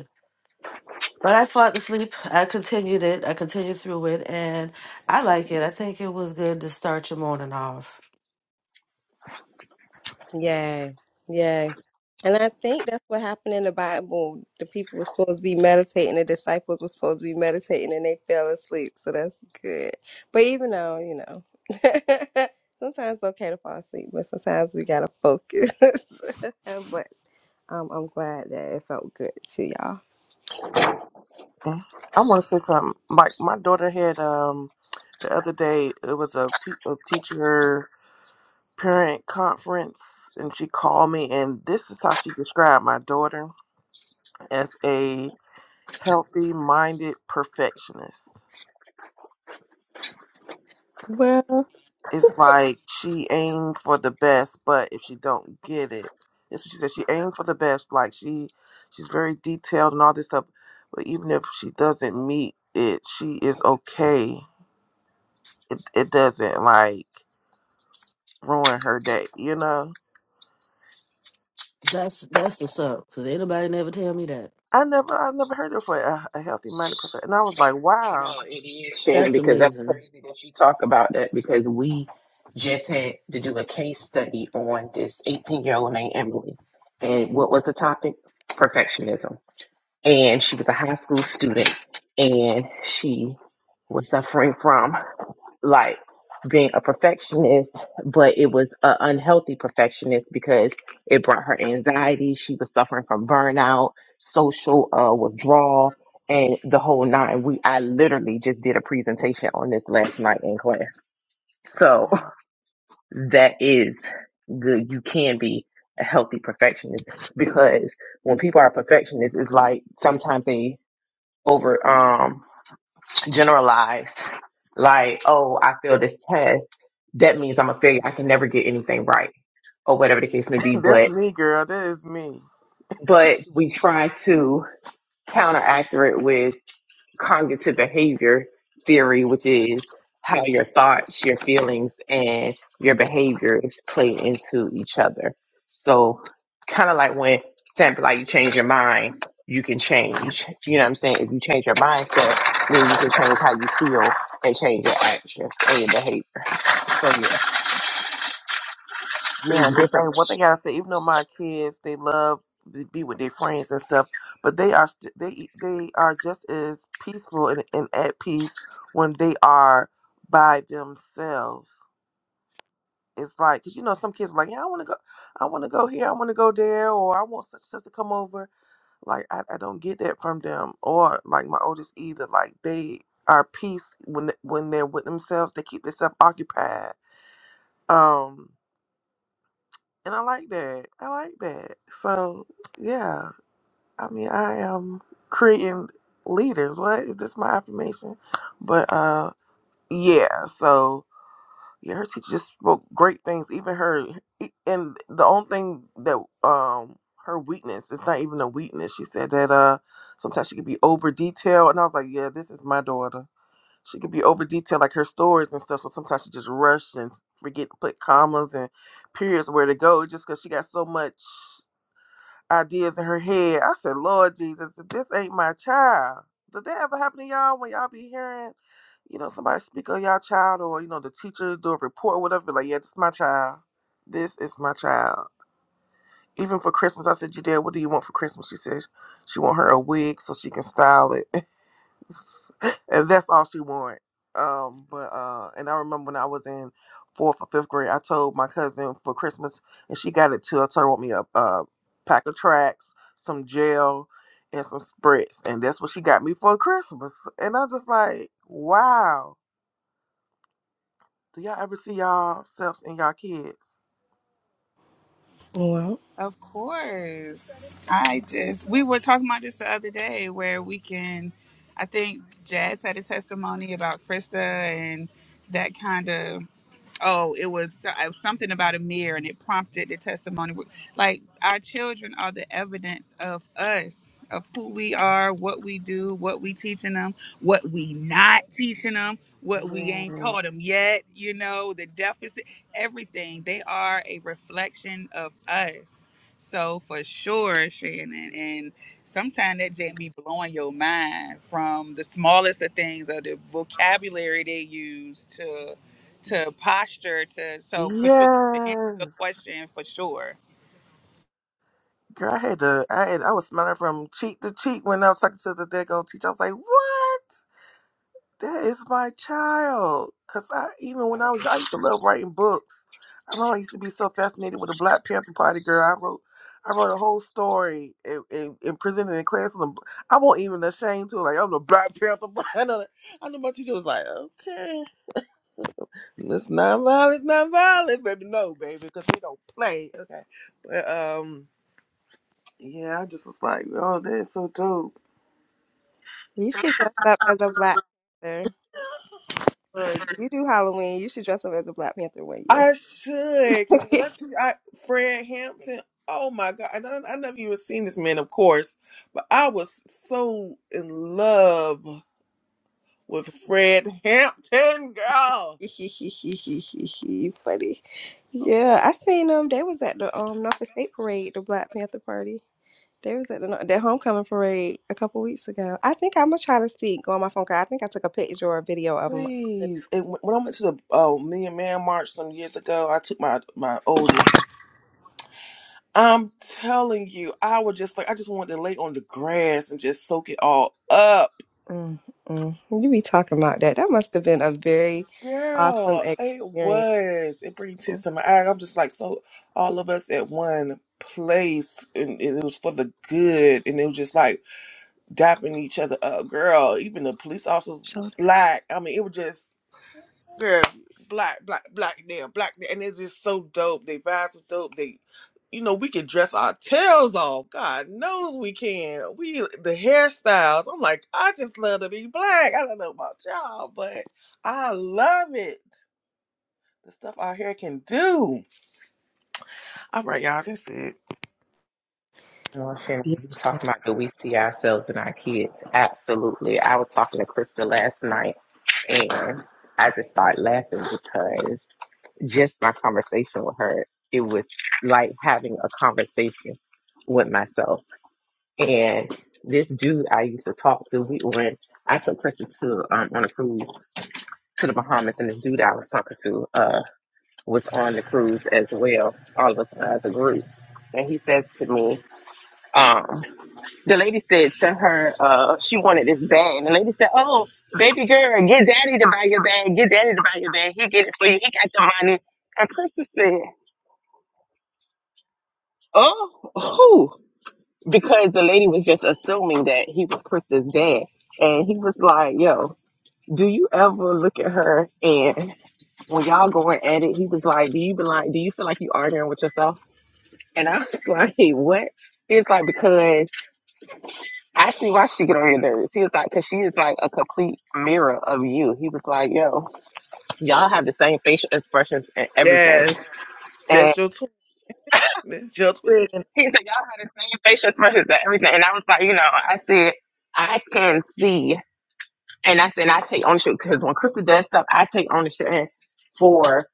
D: But I fought the sleep. I continued it. I continued through it, and I like it. I think it was good to start your morning off.
A: Yay, yay. And I think that's what happened in the Bible. The people were supposed to be meditating, the disciples were supposed to be meditating, and they fell asleep. So that's good. But even though, you know, *laughs* sometimes it's okay to fall asleep, but sometimes we got to focus. *laughs* but um, I'm glad that it felt good to y'all.
B: Mm. I want to say something like my daughter had um the other day it was a, pe- a teacher parent conference and she called me and this is how she described my daughter as a healthy minded perfectionist
A: Well,
B: it's like she aimed for the best but if she don't get it that's what she said she aimed for the best like she she's very detailed and all this stuff but even if she doesn't meet it she is okay it, it doesn't like ruin her day you know
D: That's that's what's up. Cause ain't nobody never tell me that.
B: I never, I never heard of for a, a healthy minded person, and I was like, wow,
F: No, it is, Shannon,
D: That's
F: because that's
D: amazing.
F: crazy that you talk about that because we just had to do a case study on this 18 year old named Emily. And what was the topic? Perfectionism. And she was a high school student and she was suffering from like being a perfectionist, but it was an unhealthy perfectionist because it brought her anxiety. She was suffering from burnout, social uh, withdrawal, and the whole nine. We I literally just did a presentation on this last night in class.
B: *laughs*
F: So *laughs* that is good. You can be a healthy perfectionist because when people are perfectionists, it's like sometimes they over um generalized. Like, oh, I failed this test. That means I'm a failure. I can never get anything right or whatever the case may be.
B: that's
F: But,
B: me, girl. That is me.
F: but we try to counteract it with cognitive behavior theory, which is how your thoughts, your feelings, and your behaviors play into each other. So, kind of like when, example, like you change your mind, you can change. You know what I'm saying? If you change your mindset, then you can change how you feel and change your actions and your behavior. So, yeah,
B: Yeah,
F: it's
B: and, and one
F: different.
B: thing I say, even though my kids, they love to be with their friends and stuff, but they are st- they they are just as peaceful and, and at peace when they are by themselves. It's like, cause you know, some kids are like, yeah, I want to go, I want to go here, I want to go there, or I want such and such to come over Like I, I don't get that from them or like my oldest either. Like they are peace when th- when they're with themselves. They keep themselves occupied. Um, and I like that. I like that. So yeah, I mean I am creating leaders. What is this my affirmation? But uh, yeah. So Yeah, her teacher just spoke great things. Even her, e, and the only thing that um her weakness, it's not even a weakness. She said that uh sometimes she could be over detailed, and I was like, yeah, this is my daughter. She could be over detailed, like her stories and stuff. So sometimes she just rush and forget to put commas and periods where to go, just because she got so much ideas in her head. I said, Lord Jesus, if this ain't my child. Did that ever happen to y'all when y'all be hearing, you know, somebody speak of y'all child or, you know, the teacher do a report or whatever, be like, yeah, this is my child. This is my child. Even for Christmas, I said, Jadea, what do you want for Christmas? She says she want her a wig so she can style it. *laughs* *laughs* and that's all she wanted. Um, but uh, and I remember when I was in fourth or fifth grade, I told my cousin for Christmas, and she got it too. I told her want me a, a pack of tracks, some gel, and some spritz, and that's what she got me for Christmas. And I'm just like, wow. Do y'all ever see y'all selves in y'all kids?
A: well,
E: Of course. I just, we were talking about this the other day where we can, I think Jazz had a testimony about Krista and that kind of oh, it was, so, it was something about a mirror and it prompted the testimony. Like our children are the evidence of us, of who we are, what we do, what we teaching them, what we not teaching them, what we
B: Yes,
E: ain't taught them yet, you know, the deficit, everything. They are a reflection of us. So for sure, Shannon, and sometimes that just be blowing your mind from the smallest of things or the vocabulary they use to to posture to so for sure to answer your
B: yes.
E: question for sure
B: Girl, I had to. I had. I was smelling from cheek to cheek when I was talking to the daggone teacher. I was like, what? That is my child. Cause I even when I was young, I used to love writing books. I remember I used to be so fascinated with the Black Panther Party girl. I wrote, I wrote a whole story and, and, and presented in class. And I'm- I wasn't even ashamed to like I'm the Black Panther. Party. *laughs* I know, that- I know my teacher was like, okay, it's not violence, not violence, baby. No, baby, because we don't play. Okay, but um, yeah, I just was like, oh, that is so dope.
A: you should dress up as a Black Panther. Or you do Halloween, you should dress up as a Black Panther one year.
B: I should, because when I
A: *laughs*
B: tell you, I Fred Hampton, oh my God, and I, I never even seen this man, of course, but I was so in love with Fred Hampton, girl.
A: You Funny. Yeah, I seen them. They was at the um Norfolk State Parade, the Black Panther Party. They was at the that homecoming parade a couple weeks ago. I think I'm gonna try to see go on my phone. 'cause I think I took a picture or a video of them.
B: Please, and when when I went to the uh, Million Man March some years ago, I took my my oldest. I'm telling you, I was just like, I just wanted to lay on the grass and just soak it all up.
A: Mm, mm. You be talking about that. That must have been a very awesome
B: Girl, it
A: experience.
B: was. It brings tears to my eye. I'm just like, so all of us at one place, and it was for the good, and it was just like dapping each other up. Girl, even the police officers were
A: Shoulder.
B: black. I mean, it was just, girl, black, black, black there, black there. And it's just so dope. They vibes were dope. They, you know, we can dress our tails off. God knows we can. We, the hairstyles. I'm like, I just love to be black. I don't know about y'all, but I love it. The stuff our hair can do. All right, y'all, that's it.
F: No, Shannon, you was
A: Beautiful.
F: talking about do we see ourselves in our kids? Absolutely. I was talking to Krista last night and I just started laughing because just my conversation with her, it was like having a conversation with myself. And this dude I used to talk to, we went I took Krista to um, on a cruise to the Bahamas and this dude I was talking to uh was on the cruise as well, all of us as a group. And he says to me, um, the lady said to her, uh, she wanted this bag. And the lady said, Oh, baby girl, get daddy to buy your bag. Get daddy to buy your bag. He get it for you. He got the money. And Krista said, Oh, who? Because the lady was just assuming that he was Krista's dad. And he was like, Yo, do you ever look at her and when y'all going at it, he was like, Do you be like, do you feel like you arguing with yourself? And I was *laughs* like, What? It's like because I see why she get on your nerves. He was like, because she is like a complete mirror of you. He was like, yo, y'all have the same facial expressions and everything.
B: Yes,
F: And
B: that's your twin. That's your twin.
F: he said, y'all have the same facial expressions and everything. And I was like, you know, I said, I can see. And I said, I take ownership because when Krista does stuff, I take ownership for.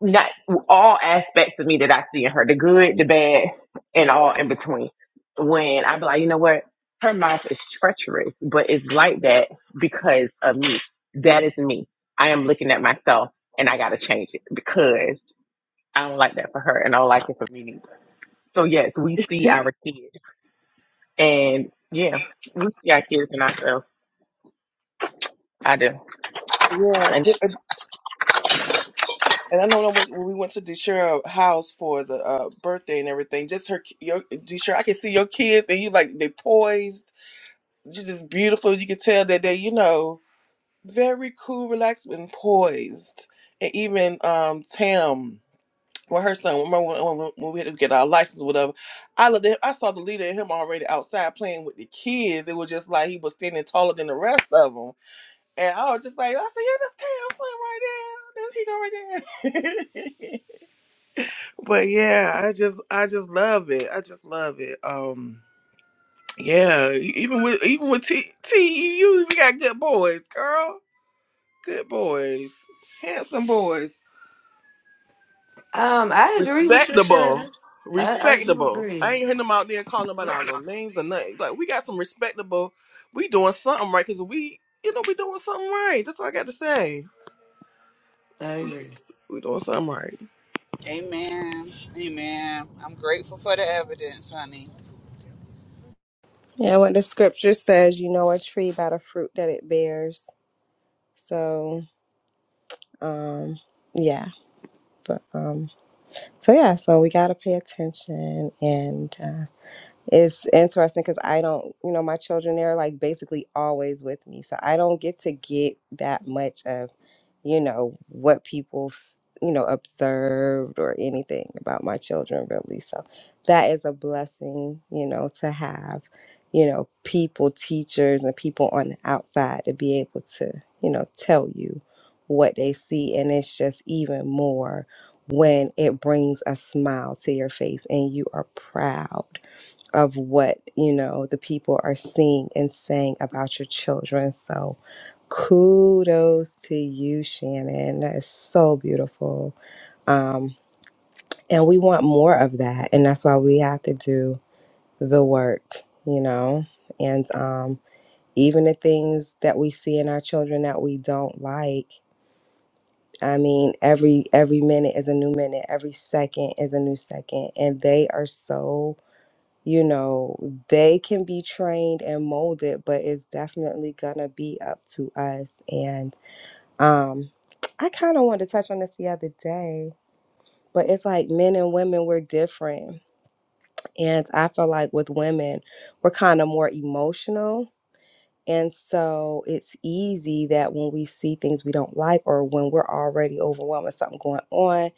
F: not all aspects of me that I see in her, the good, the bad, and all in between. When I be like, you know what, her mouth is treacherous, but it's like that because of me. That is me. I am looking at myself, and I got to change it because I don't like that for her, and I don't like it for me neither. So yes, we see our kids, and yeah, we see our kids and ourselves. I do.
B: Yeah,
F: And that's-
B: and and I know when when we went to Deshira's house for the uh, birthday and everything, just her, ki- your Deshira, I can see your kids and you like they poised, you just beautiful. You can tell that they, you know. very cool, relaxed, and poised. And even um Tam, well, her son. Remember when, when, when we had to get our license, or whatever. I looked at, him, I saw the leader of him already outside playing with the kids. It was just like he was standing taller than the rest of them, and I was just like, I said, yeah, that's Tam's son right there. That's he go right there. *laughs* but yeah, I just, I just love it. I just love it. Um. Yeah, e- even with even with T T E U, T, you got good boys, girl. Good boys. Handsome boys.
D: Um, I agree with you,
B: Respectable.
D: Shannon. I, I do
B: Respectable.
D: agree.
B: I ain't hearing them out there calling nobody out no names or nothing. Like we got some respectable. We doing something right because we, you know, we doing something right. That's all I got to say.
D: I agree.
B: We doing something right.
E: Amen. Amen. I'm grateful for the evidence, honey.
A: Yeah, what the scripture says, you know a tree by the fruit that it bears. So, um, yeah. But um So yeah, so we got to pay attention and. uh, it's interesting because I don't, you know, my children, they're like basically always with me. So I don't get to get that much of, you know, what people, s- you know, observed or anything about my children really. So that is a blessing, you know, to have, you know, people, teachers, and people on the outside to be able to, you know, tell you what they see. And it's just even more when it brings a smile to your face and you are proud of what you know the people are seeing and saying about your children so kudos to you shannon that is so beautiful um, and we want more of that and that's why we have to do the work you know and um, even the things that we see in our children that we don't like i mean every every minute is a new minute every second is a new second and they are so you know, they can be trained and molded, but it's definitely gonna be up to us. And um, I kind of wanted to touch on this the other day, but it's like men and women, we're different. And I feel like with women, we're kind of more emotional. And so it's easy that when we see things we don't like or when we're already overwhelmed with something going on,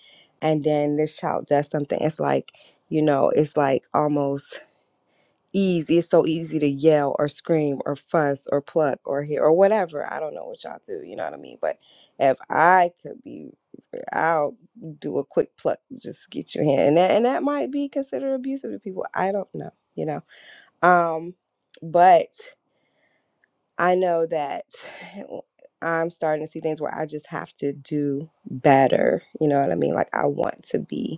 A: and then this child does something, it's like, you know, it's like almost easy. It's so easy to yell or scream or fuss or pluck or hit or whatever. I don't know what y'all do. You know what I mean? But if I could be, I'll do a quick pluck, just get your hand, and that and that might be considered abusive to people. I don't know. You know. Um, but I know that. *sighs* I'm starting to see things where I just have to do better. You know what I mean? Like I want to be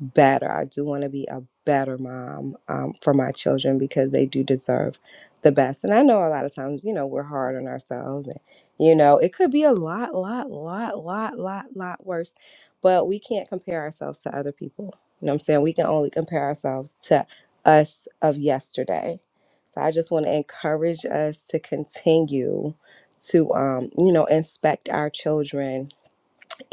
A: better. I do want to be a better mom um, for my children because they do deserve the best. And I know a lot of times, you know, we're hard on ourselves and, you know, it could be a lot, lot, lot, lot, lot, lot worse, but we can't compare ourselves to other people. You know what I'm saying? We can only compare ourselves to us of yesterday. So I just want to encourage us to continue to, um, you know, inspect our children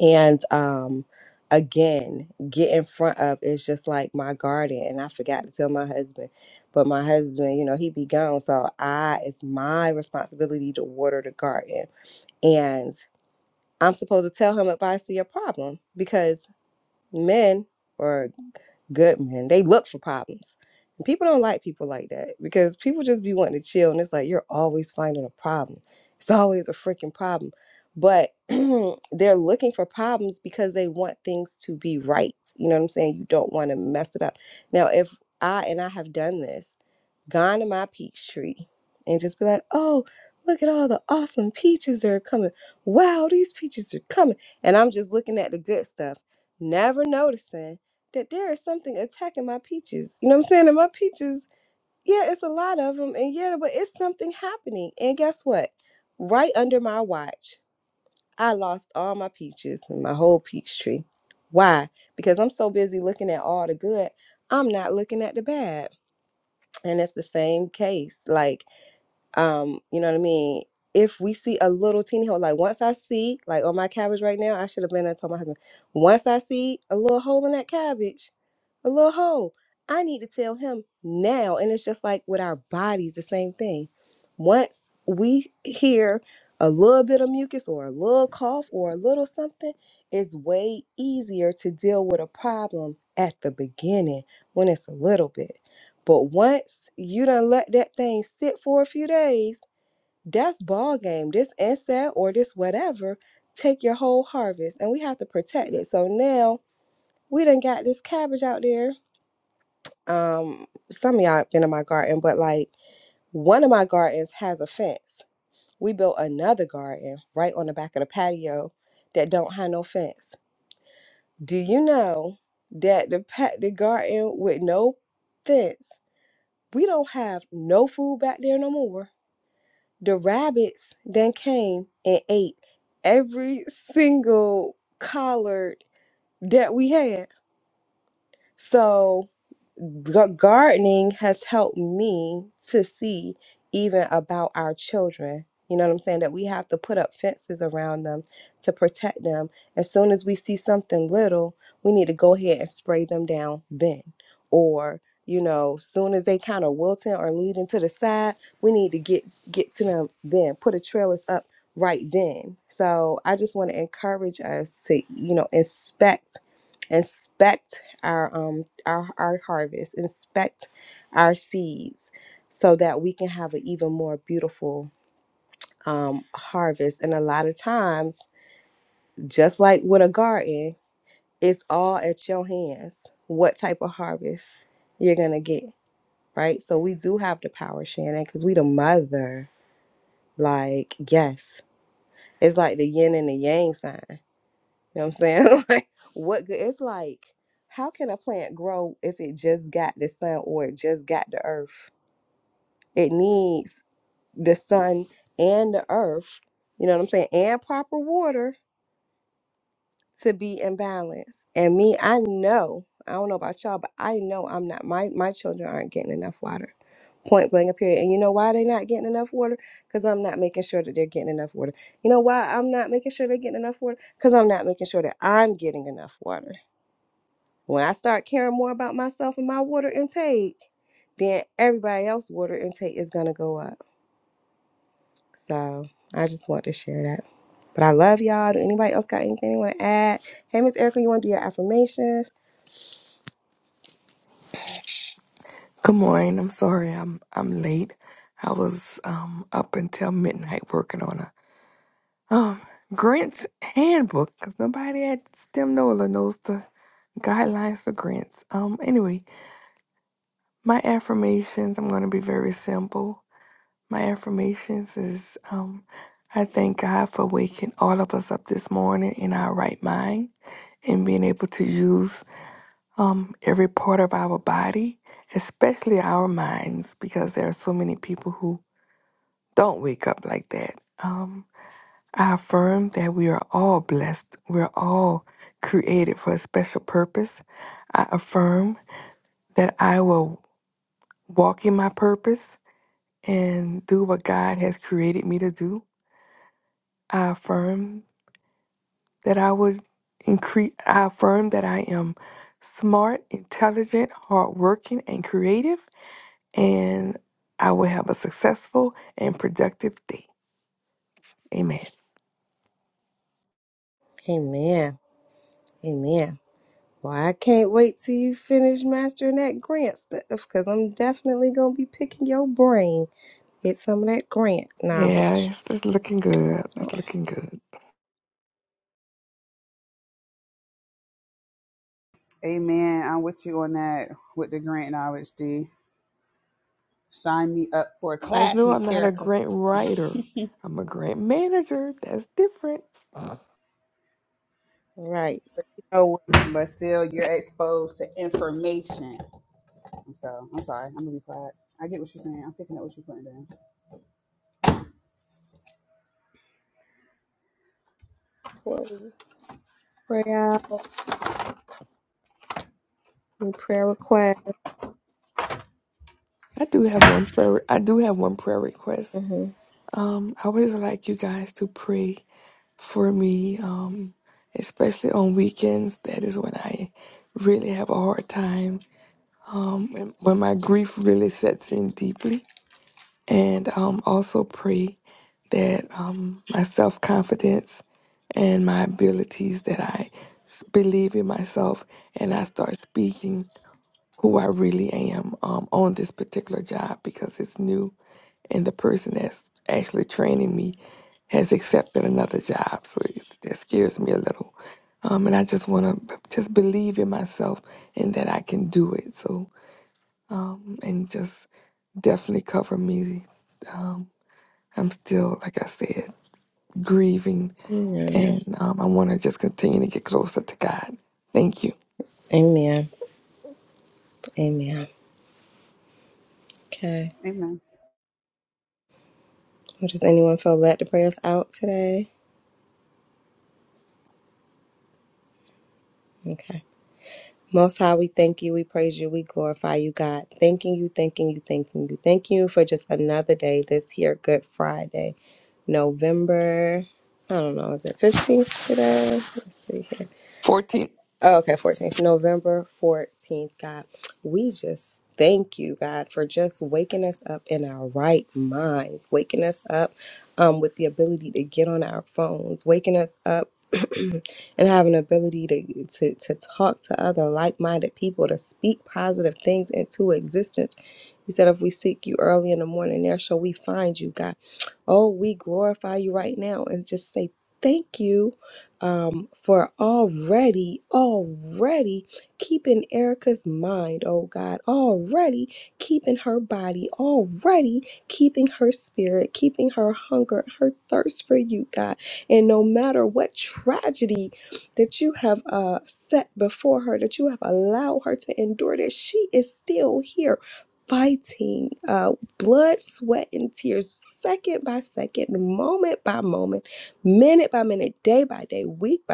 A: and um, again, get in front of it's just like my garden. And I forgot to tell my husband, but my husband, you know, he be gone. So I, it's my responsibility to water the garden. And I'm supposed to tell him if I see a problem because men. or good man. They look for problems. And people don't like people like that because people just be wanting to chill and it's like you're always finding a problem. It's always a freaking problem. But *clears throat* they're looking for problems because they want things to be right. You know what I'm saying? You don't want to mess it up. Now, if I and I have done this, gone to my peach tree and just be like, oh, look at all the awesome peaches that are coming. Wow, these peaches are coming. And I'm just looking at the good stuff, never noticing that there is something attacking my peaches. You know what I'm saying? And my peaches, yeah, it's a lot of them. And yeah, but it's something happening. And guess what? Right under my watch, I lost all my peaches and my whole peach tree. Why? Because I'm so busy looking at all the good, I'm not looking at the bad. And it's the same case. Like, um you know what i mean if we see a little teeny hole like once i see like on my cabbage right now i should have been there and told my husband once i see a little hole in that cabbage a little hole. I need to tell him now. And it's just like with our bodies, the same thing. Once we hear a little bit of mucus or a little cough or a little something, it's way easier to deal with a problem at the beginning when it's a little bit. But once you done let that thing sit for a few days, that's ball game. This insect or this whatever take your whole harvest, and we have to protect it. So now we done got this cabbage out there um some of y'all been in my garden but like one of my gardens has a fence we built another garden right on the back of the patio that don't have no fence do you know that the pat the garden with no fence we don't have no food back there no more the rabbits then came and ate every single collard that we had so gar- gardening has helped me to see even about our children. You know what I'm saying? That we have to put up fences around them to protect them. As soon as we see something little, we need to go ahead and spray them down then. Or, you know, soon as they kind of wilting or leading to the side, we need to get get to them then. Put the trellis up right then. So I just want to encourage us to, you know, inspect, inspect our um our, our harvest, inspect our seeds so that we can have an even more beautiful um harvest. And a lot of times, just like with a garden, it's all at your hands what type of harvest you're gonna get. Right. So we do have the power, Shannon, because we the mother. Like, yes. It's like the yin and the yang sign. You know what I'm saying? *laughs* like, what good? It's like, how can a plant grow if it just got the sun or it just got the earth? It needs the sun and the earth, you know what I'm saying, and proper water to be in balance. And me, I know, I don't know about y'all, but I know I'm not, my, my children aren't getting enough water. Point blank, period. And you know why they're not getting enough water? Because I'm not making sure that they're getting enough water. You know why I'm not making sure they're getting enough water? Because I'm not making sure that I'm getting enough water. When I start caring more about myself and my water intake, then everybody else's water intake is gonna go up. So I just want to share that. But I love y'all. Do anybody else got anything they want to add? Hey, Miss Erica, you want to do your affirmations?
G: Good morning. I'm sorry I'm I'm late. I was um up until midnight working on a um grants handbook because nobody at STEM NOLA knows the guidelines for grants. Um anyway, my affirmations I'm gonna be very simple. My affirmations is um I thank God for waking all of us up this morning in our right mind and being able to use um every part of our body, especially our minds, because there are so many people who Don't wake up like that. Um, I affirm that we are all blessed. We're all created for a special purpose. I affirm that I will walk in my purpose and do what God has created me to do. I affirm that I was increase. I affirm that I am smart, intelligent, hardworking, and creative, and I will have a successful and productive day. Amen.
A: Amen. Amen. Well, I can't wait till you finish mastering that grant stuff because I'm definitely going to be picking your brain. Get some of that grant
G: Yeah,
A: knowledge.
G: it's, it's looking good. It's looking good.
E: Amen. I'm with you on that with the grant knowledge, D. Sign me up for a
G: I just
E: class,
G: know I'm
E: Miss
G: not a
E: Erica.
G: grant writer. I'm a grant manager. That's different. I
A: All right. So, you know, what-
E: But still, you're exposed to information. So I'm sorry. I'm gonna be quiet. I get what you're saying. I'm picking up what you're putting down.
A: what we pray out, any prayer requests?
G: do have one prayer. I do have one prayer request.
A: Mm-hmm.
G: Um, I would just like you guys to pray for me. Um, especially on weekends. That is when I really have a hard time. Um, when when my grief really sets in deeply. and um, also pray that um, my self confidence and my abilities that I s- believe in myself and I start speaking who I really am um, on this particular job because it's new and the person that's actually training me has accepted another job, so it's, that scares me a little. Um, and I just want to just believe in myself and that I can do it. So um, and just definitely cover me Um, I'm still, like I said, grieving,
A: Yeah.
G: and um, I want to just continue to get closer to God. Thank you.
A: Amen. Amen. Okay.
E: Amen.
A: Well, does anyone feel led to pray us out today? Okay. Most High, we thank you, we praise you, we glorify you, God. Thanking you, thanking you, thanking you. Thank you for just another day this here, Good Friday, November, I don't know, is it 15th today? Let's see here.
G: 14.
A: Oh, okay, 14th, November 14th, God. We just thank you, God, for just waking us up in our right minds, waking us up um, with the ability to get on our phones, waking us up. *clears throat* and have an ability to, to to talk to other like-minded people to speak positive things into existence you said if we seek you early in the morning there shall we find you god Oh, we glorify you right now and just say thank you um, for already, already keeping Erica's mind, oh God, already keeping her body, already keeping her spirit, keeping her hunger, her thirst for you, God. And no matter what tragedy that you have uh, set before her, that you have allowed her to endure, that she is still here fighting uh, blood, sweat, and tears, second by second, moment by moment, minute by minute, day by day, week by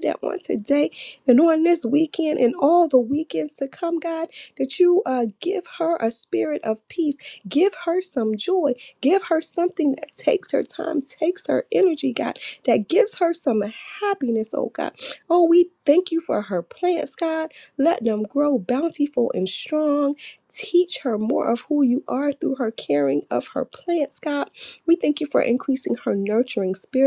A: that on today and on this weekend and all the weekends to come, God, that you uh, give her a spirit of peace. Give her some joy. Give her something that takes her time, takes her energy, God, that gives her some happiness, oh God. Oh, we thank you for her plants, God. Let them grow bountiful and strong. Teach her more of who you are through her caring of her plants, God. We thank you for increasing her nurturing spirit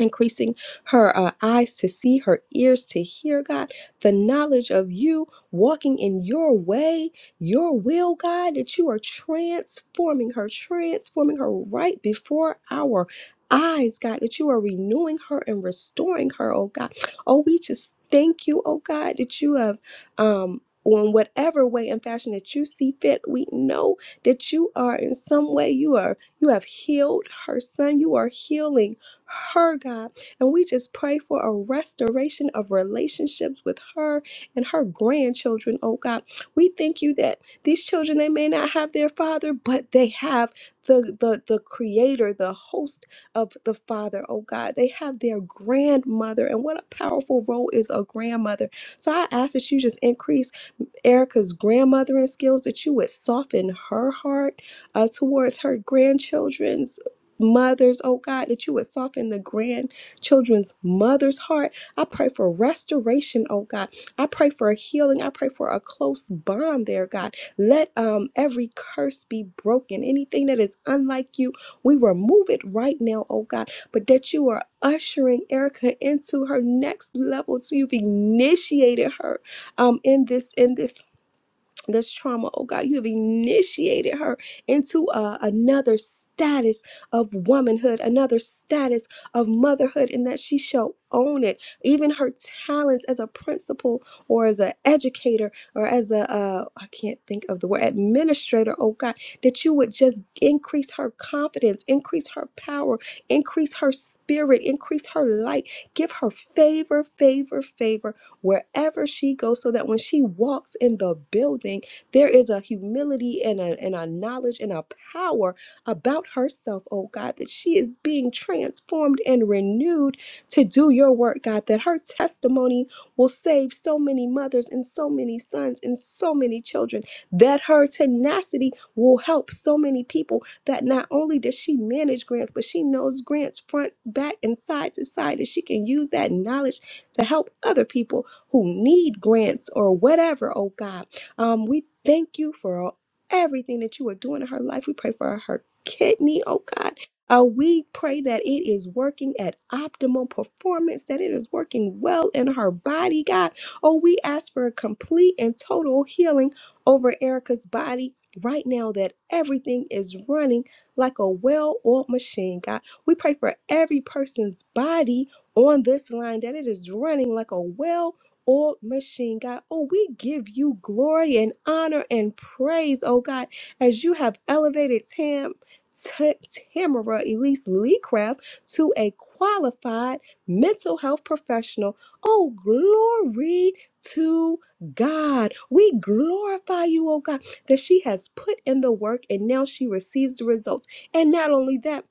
A: increasing her uh, eyes to see, her ears to hear, God, the knowledge of you walking in your way, your will, God, that you are transforming her, transforming her right before our eyes, God, that you are renewing her and restoring her, oh God. Oh, we just thank you, oh God, that you have um on whatever way and fashion that you see fit, we know that you are in some way you are you have healed her son. You are healing her, God. And we just pray for a restoration of relationships with her and her grandchildren, oh God. We thank you that these children, they may not have their father, but they have the, the, the creator, the host of the father, oh God. They have their grandmother. And what a powerful role is a grandmother. So I ask that you just increase. Erica's grandmothering skills, that you would soften her heart uh, towards her grandchildren's mothers, oh God, that you would soften the grandchildren's mother's heart. I pray for restoration, oh God. I pray for a healing. I pray for a close bond there, God. Let um every curse be broken. Anything that is unlike you, we remove it right now, oh God. But that you are ushering Erica into her next level. So you've initiated her um in this in this this trauma. Oh God, you have initiated her into uh, another status of womanhood, another status of motherhood, and that she shall own it. Even her talents as a principal or as an educator or as a, uh, I can't think of the word, administrator. Oh God, that you would just increase her confidence, increase her power, increase her spirit, increase her light, give her favor, favor, favor wherever she goes so that when she walks in the building, there is a humility and a, and a knowledge and a power about herself, oh God, that she is being transformed and renewed to do your work, God, that her testimony will save so many mothers and so many sons and so many children, that her tenacity will help so many people that not only does she manage grants, but she knows grants front, back, and side to side, and she can use that knowledge to help other people who need grants or whatever, oh God. Um, we thank you for everything that you are doing in her life. We pray for her kidney, oh God. Uh, we pray that it is working at optimal performance, that it is working well in her body, God. Oh, we ask for a complete and total healing over Erica's body right now, that everything is running like a well oiled machine, God. We pray for every person's body on this line, that it is running like a well old machine, God. Oh, we give you glory and honor and praise, oh God, as you have elevated Tam. T- Tamara Elise Lee Craft to a qualified mental health professional. Oh, glory to God. We glorify you, oh God, that she has put in the work and now she receives the results. And not only that,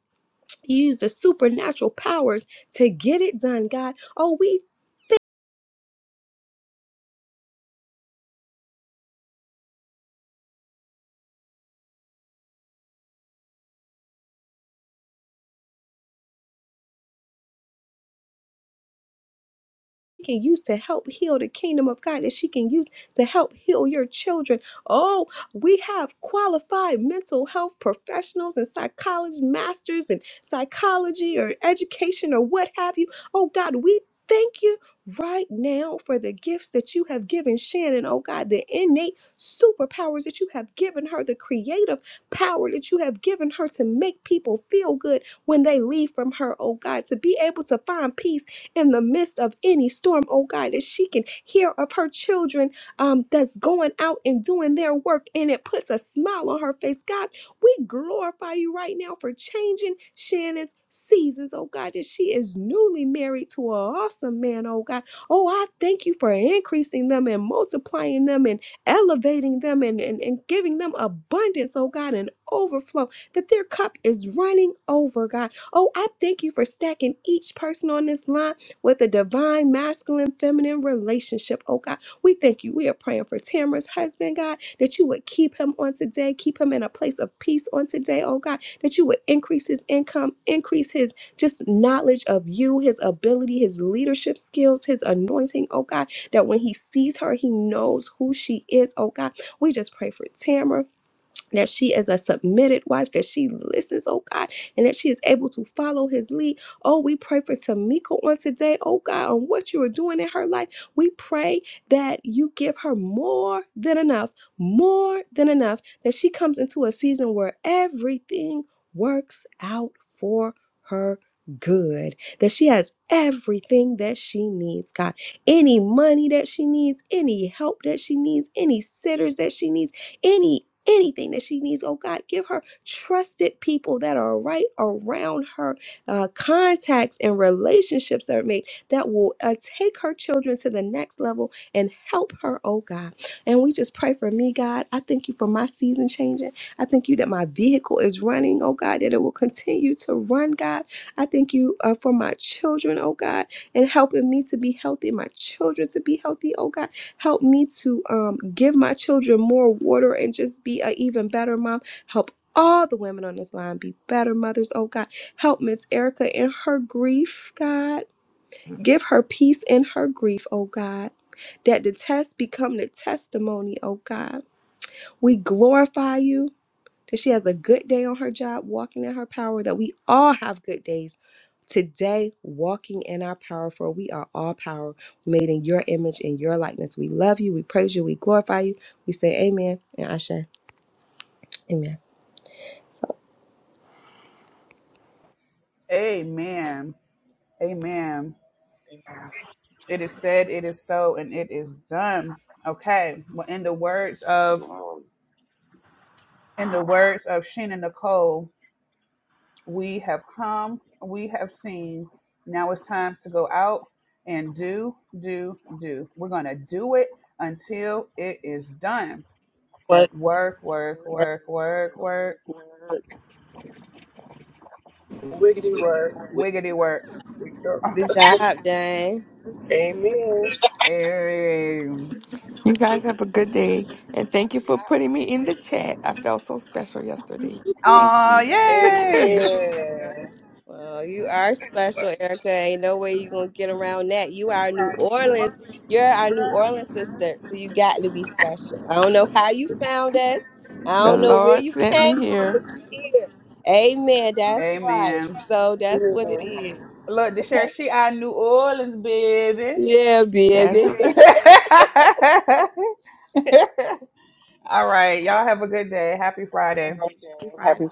A: you use the supernatural powers to get it done, God. Oh, we can use to help heal the kingdom of God, that she can use to help heal your children. Oh, we have qualified mental health professionals and psychology masters in psychology or education or what have you. Oh, God, we thank you right now for the gifts that you have given Shannon. Oh, God, the innate superpowers that you have given her, the creative power that you have given her to make people feel good when they leave from her. Oh, God, to be able to find peace in the midst of any storm, oh God, that she can hear of her children um, that's going out and doing their work and it puts a smile on her face. God, we glorify you right now for changing Shannon's seasons, oh God, that she is newly married to an awesome man, oh God. Oh, I thank you for increasing them and multiplying them and elevating them and, and, and giving them abundance, oh God, and overflow, that their cup is running over, God. Oh, I thank you for stacking each person on this line with a divine masculine feminine relationship, oh God. We thank you. We are praying for Tamara's husband, God, that you would keep him on today, keep him in a place of peace on today, oh God, that you would increase his income, increase his just knowledge of you, his ability, his leadership skills, his anointing, oh God, that when he sees her, he knows who she is, oh God. We just pray for Tamara that she is a submitted wife, that she listens, oh God, and that she is able to follow his lead. Oh, we pray for Tamika on today, oh God, on what you are doing in her life. We pray that you give her more than enough, more than enough, that she comes into a season where everything works out for her. Good that she has everything that she needs, God. Any money that she needs, any help that she needs, any sitters that she needs, any anything that she needs. Oh God, give her trusted people that are right around her, uh, contacts and relationships that are made that will uh, take her children to the next level and help her. Oh God, and we just pray for me, God. I thank you for my season changing. I thank you that my vehicle is running. Oh God, that it will continue to run. God, I thank you uh, for my children. Oh God, and helping me to be healthy, my children to be healthy. Oh God. Help me to um, give my children more water and just be an even better mom. Help all the women on this line be better mothers. Oh God, help Miss Erica in her grief, God. Give her peace in her grief, oh God. That the test become the testimony, oh God. We glorify you that she has a good day on her job, walking in her power, that we all have good days. Today, walking in our power, for we are all power, made in your image and your likeness. We love you, we praise you, we glorify you. We say amen and Asha, amen. So,
E: Amen. Amen. It is said, it is so, and it is done. Okay. Well, in the words of In the words of Sheena Nicole, we have come, we have seen. Now it's time to go out and do, do, do. We're going to do it until it is done.
A: Work, work,
E: Work, work,
A: work.
E: work, work, work.
B: Wiggity works.
E: Wiggity work.
B: We go.
E: *laughs*
A: Good job, Dang.
B: *laughs* Amen.
E: Oh, hey.
G: You guys have a good day, and thank you for putting me in the chat. I felt so special yesterday.
A: *laughs*
G: Thank
E: Aw,
G: you. *laughs*
E: yay.
B: Amen.
A: Well, you are special, Erica. Ain't no way you gonna get around that. You are New Orleans. You're our New Orleans sister, so you got to be special. I don't know how you found us. I
G: the
A: don't know where
G: Lord
A: you
G: sent me
A: came from,
G: here.
A: but you're here. Amen. That's right.
E: Amen.
A: So that's what it is.
E: Look, the
A: Okay.
E: sheriff, she out of New Orleans, baby.
A: Yeah, baby.
G: That's
E: *laughs*
A: *laughs*
E: All right. Y'all have a good day. Happy
F: have a
E: Friday.
F: great day.
A: Happy Friday.
F: Happy.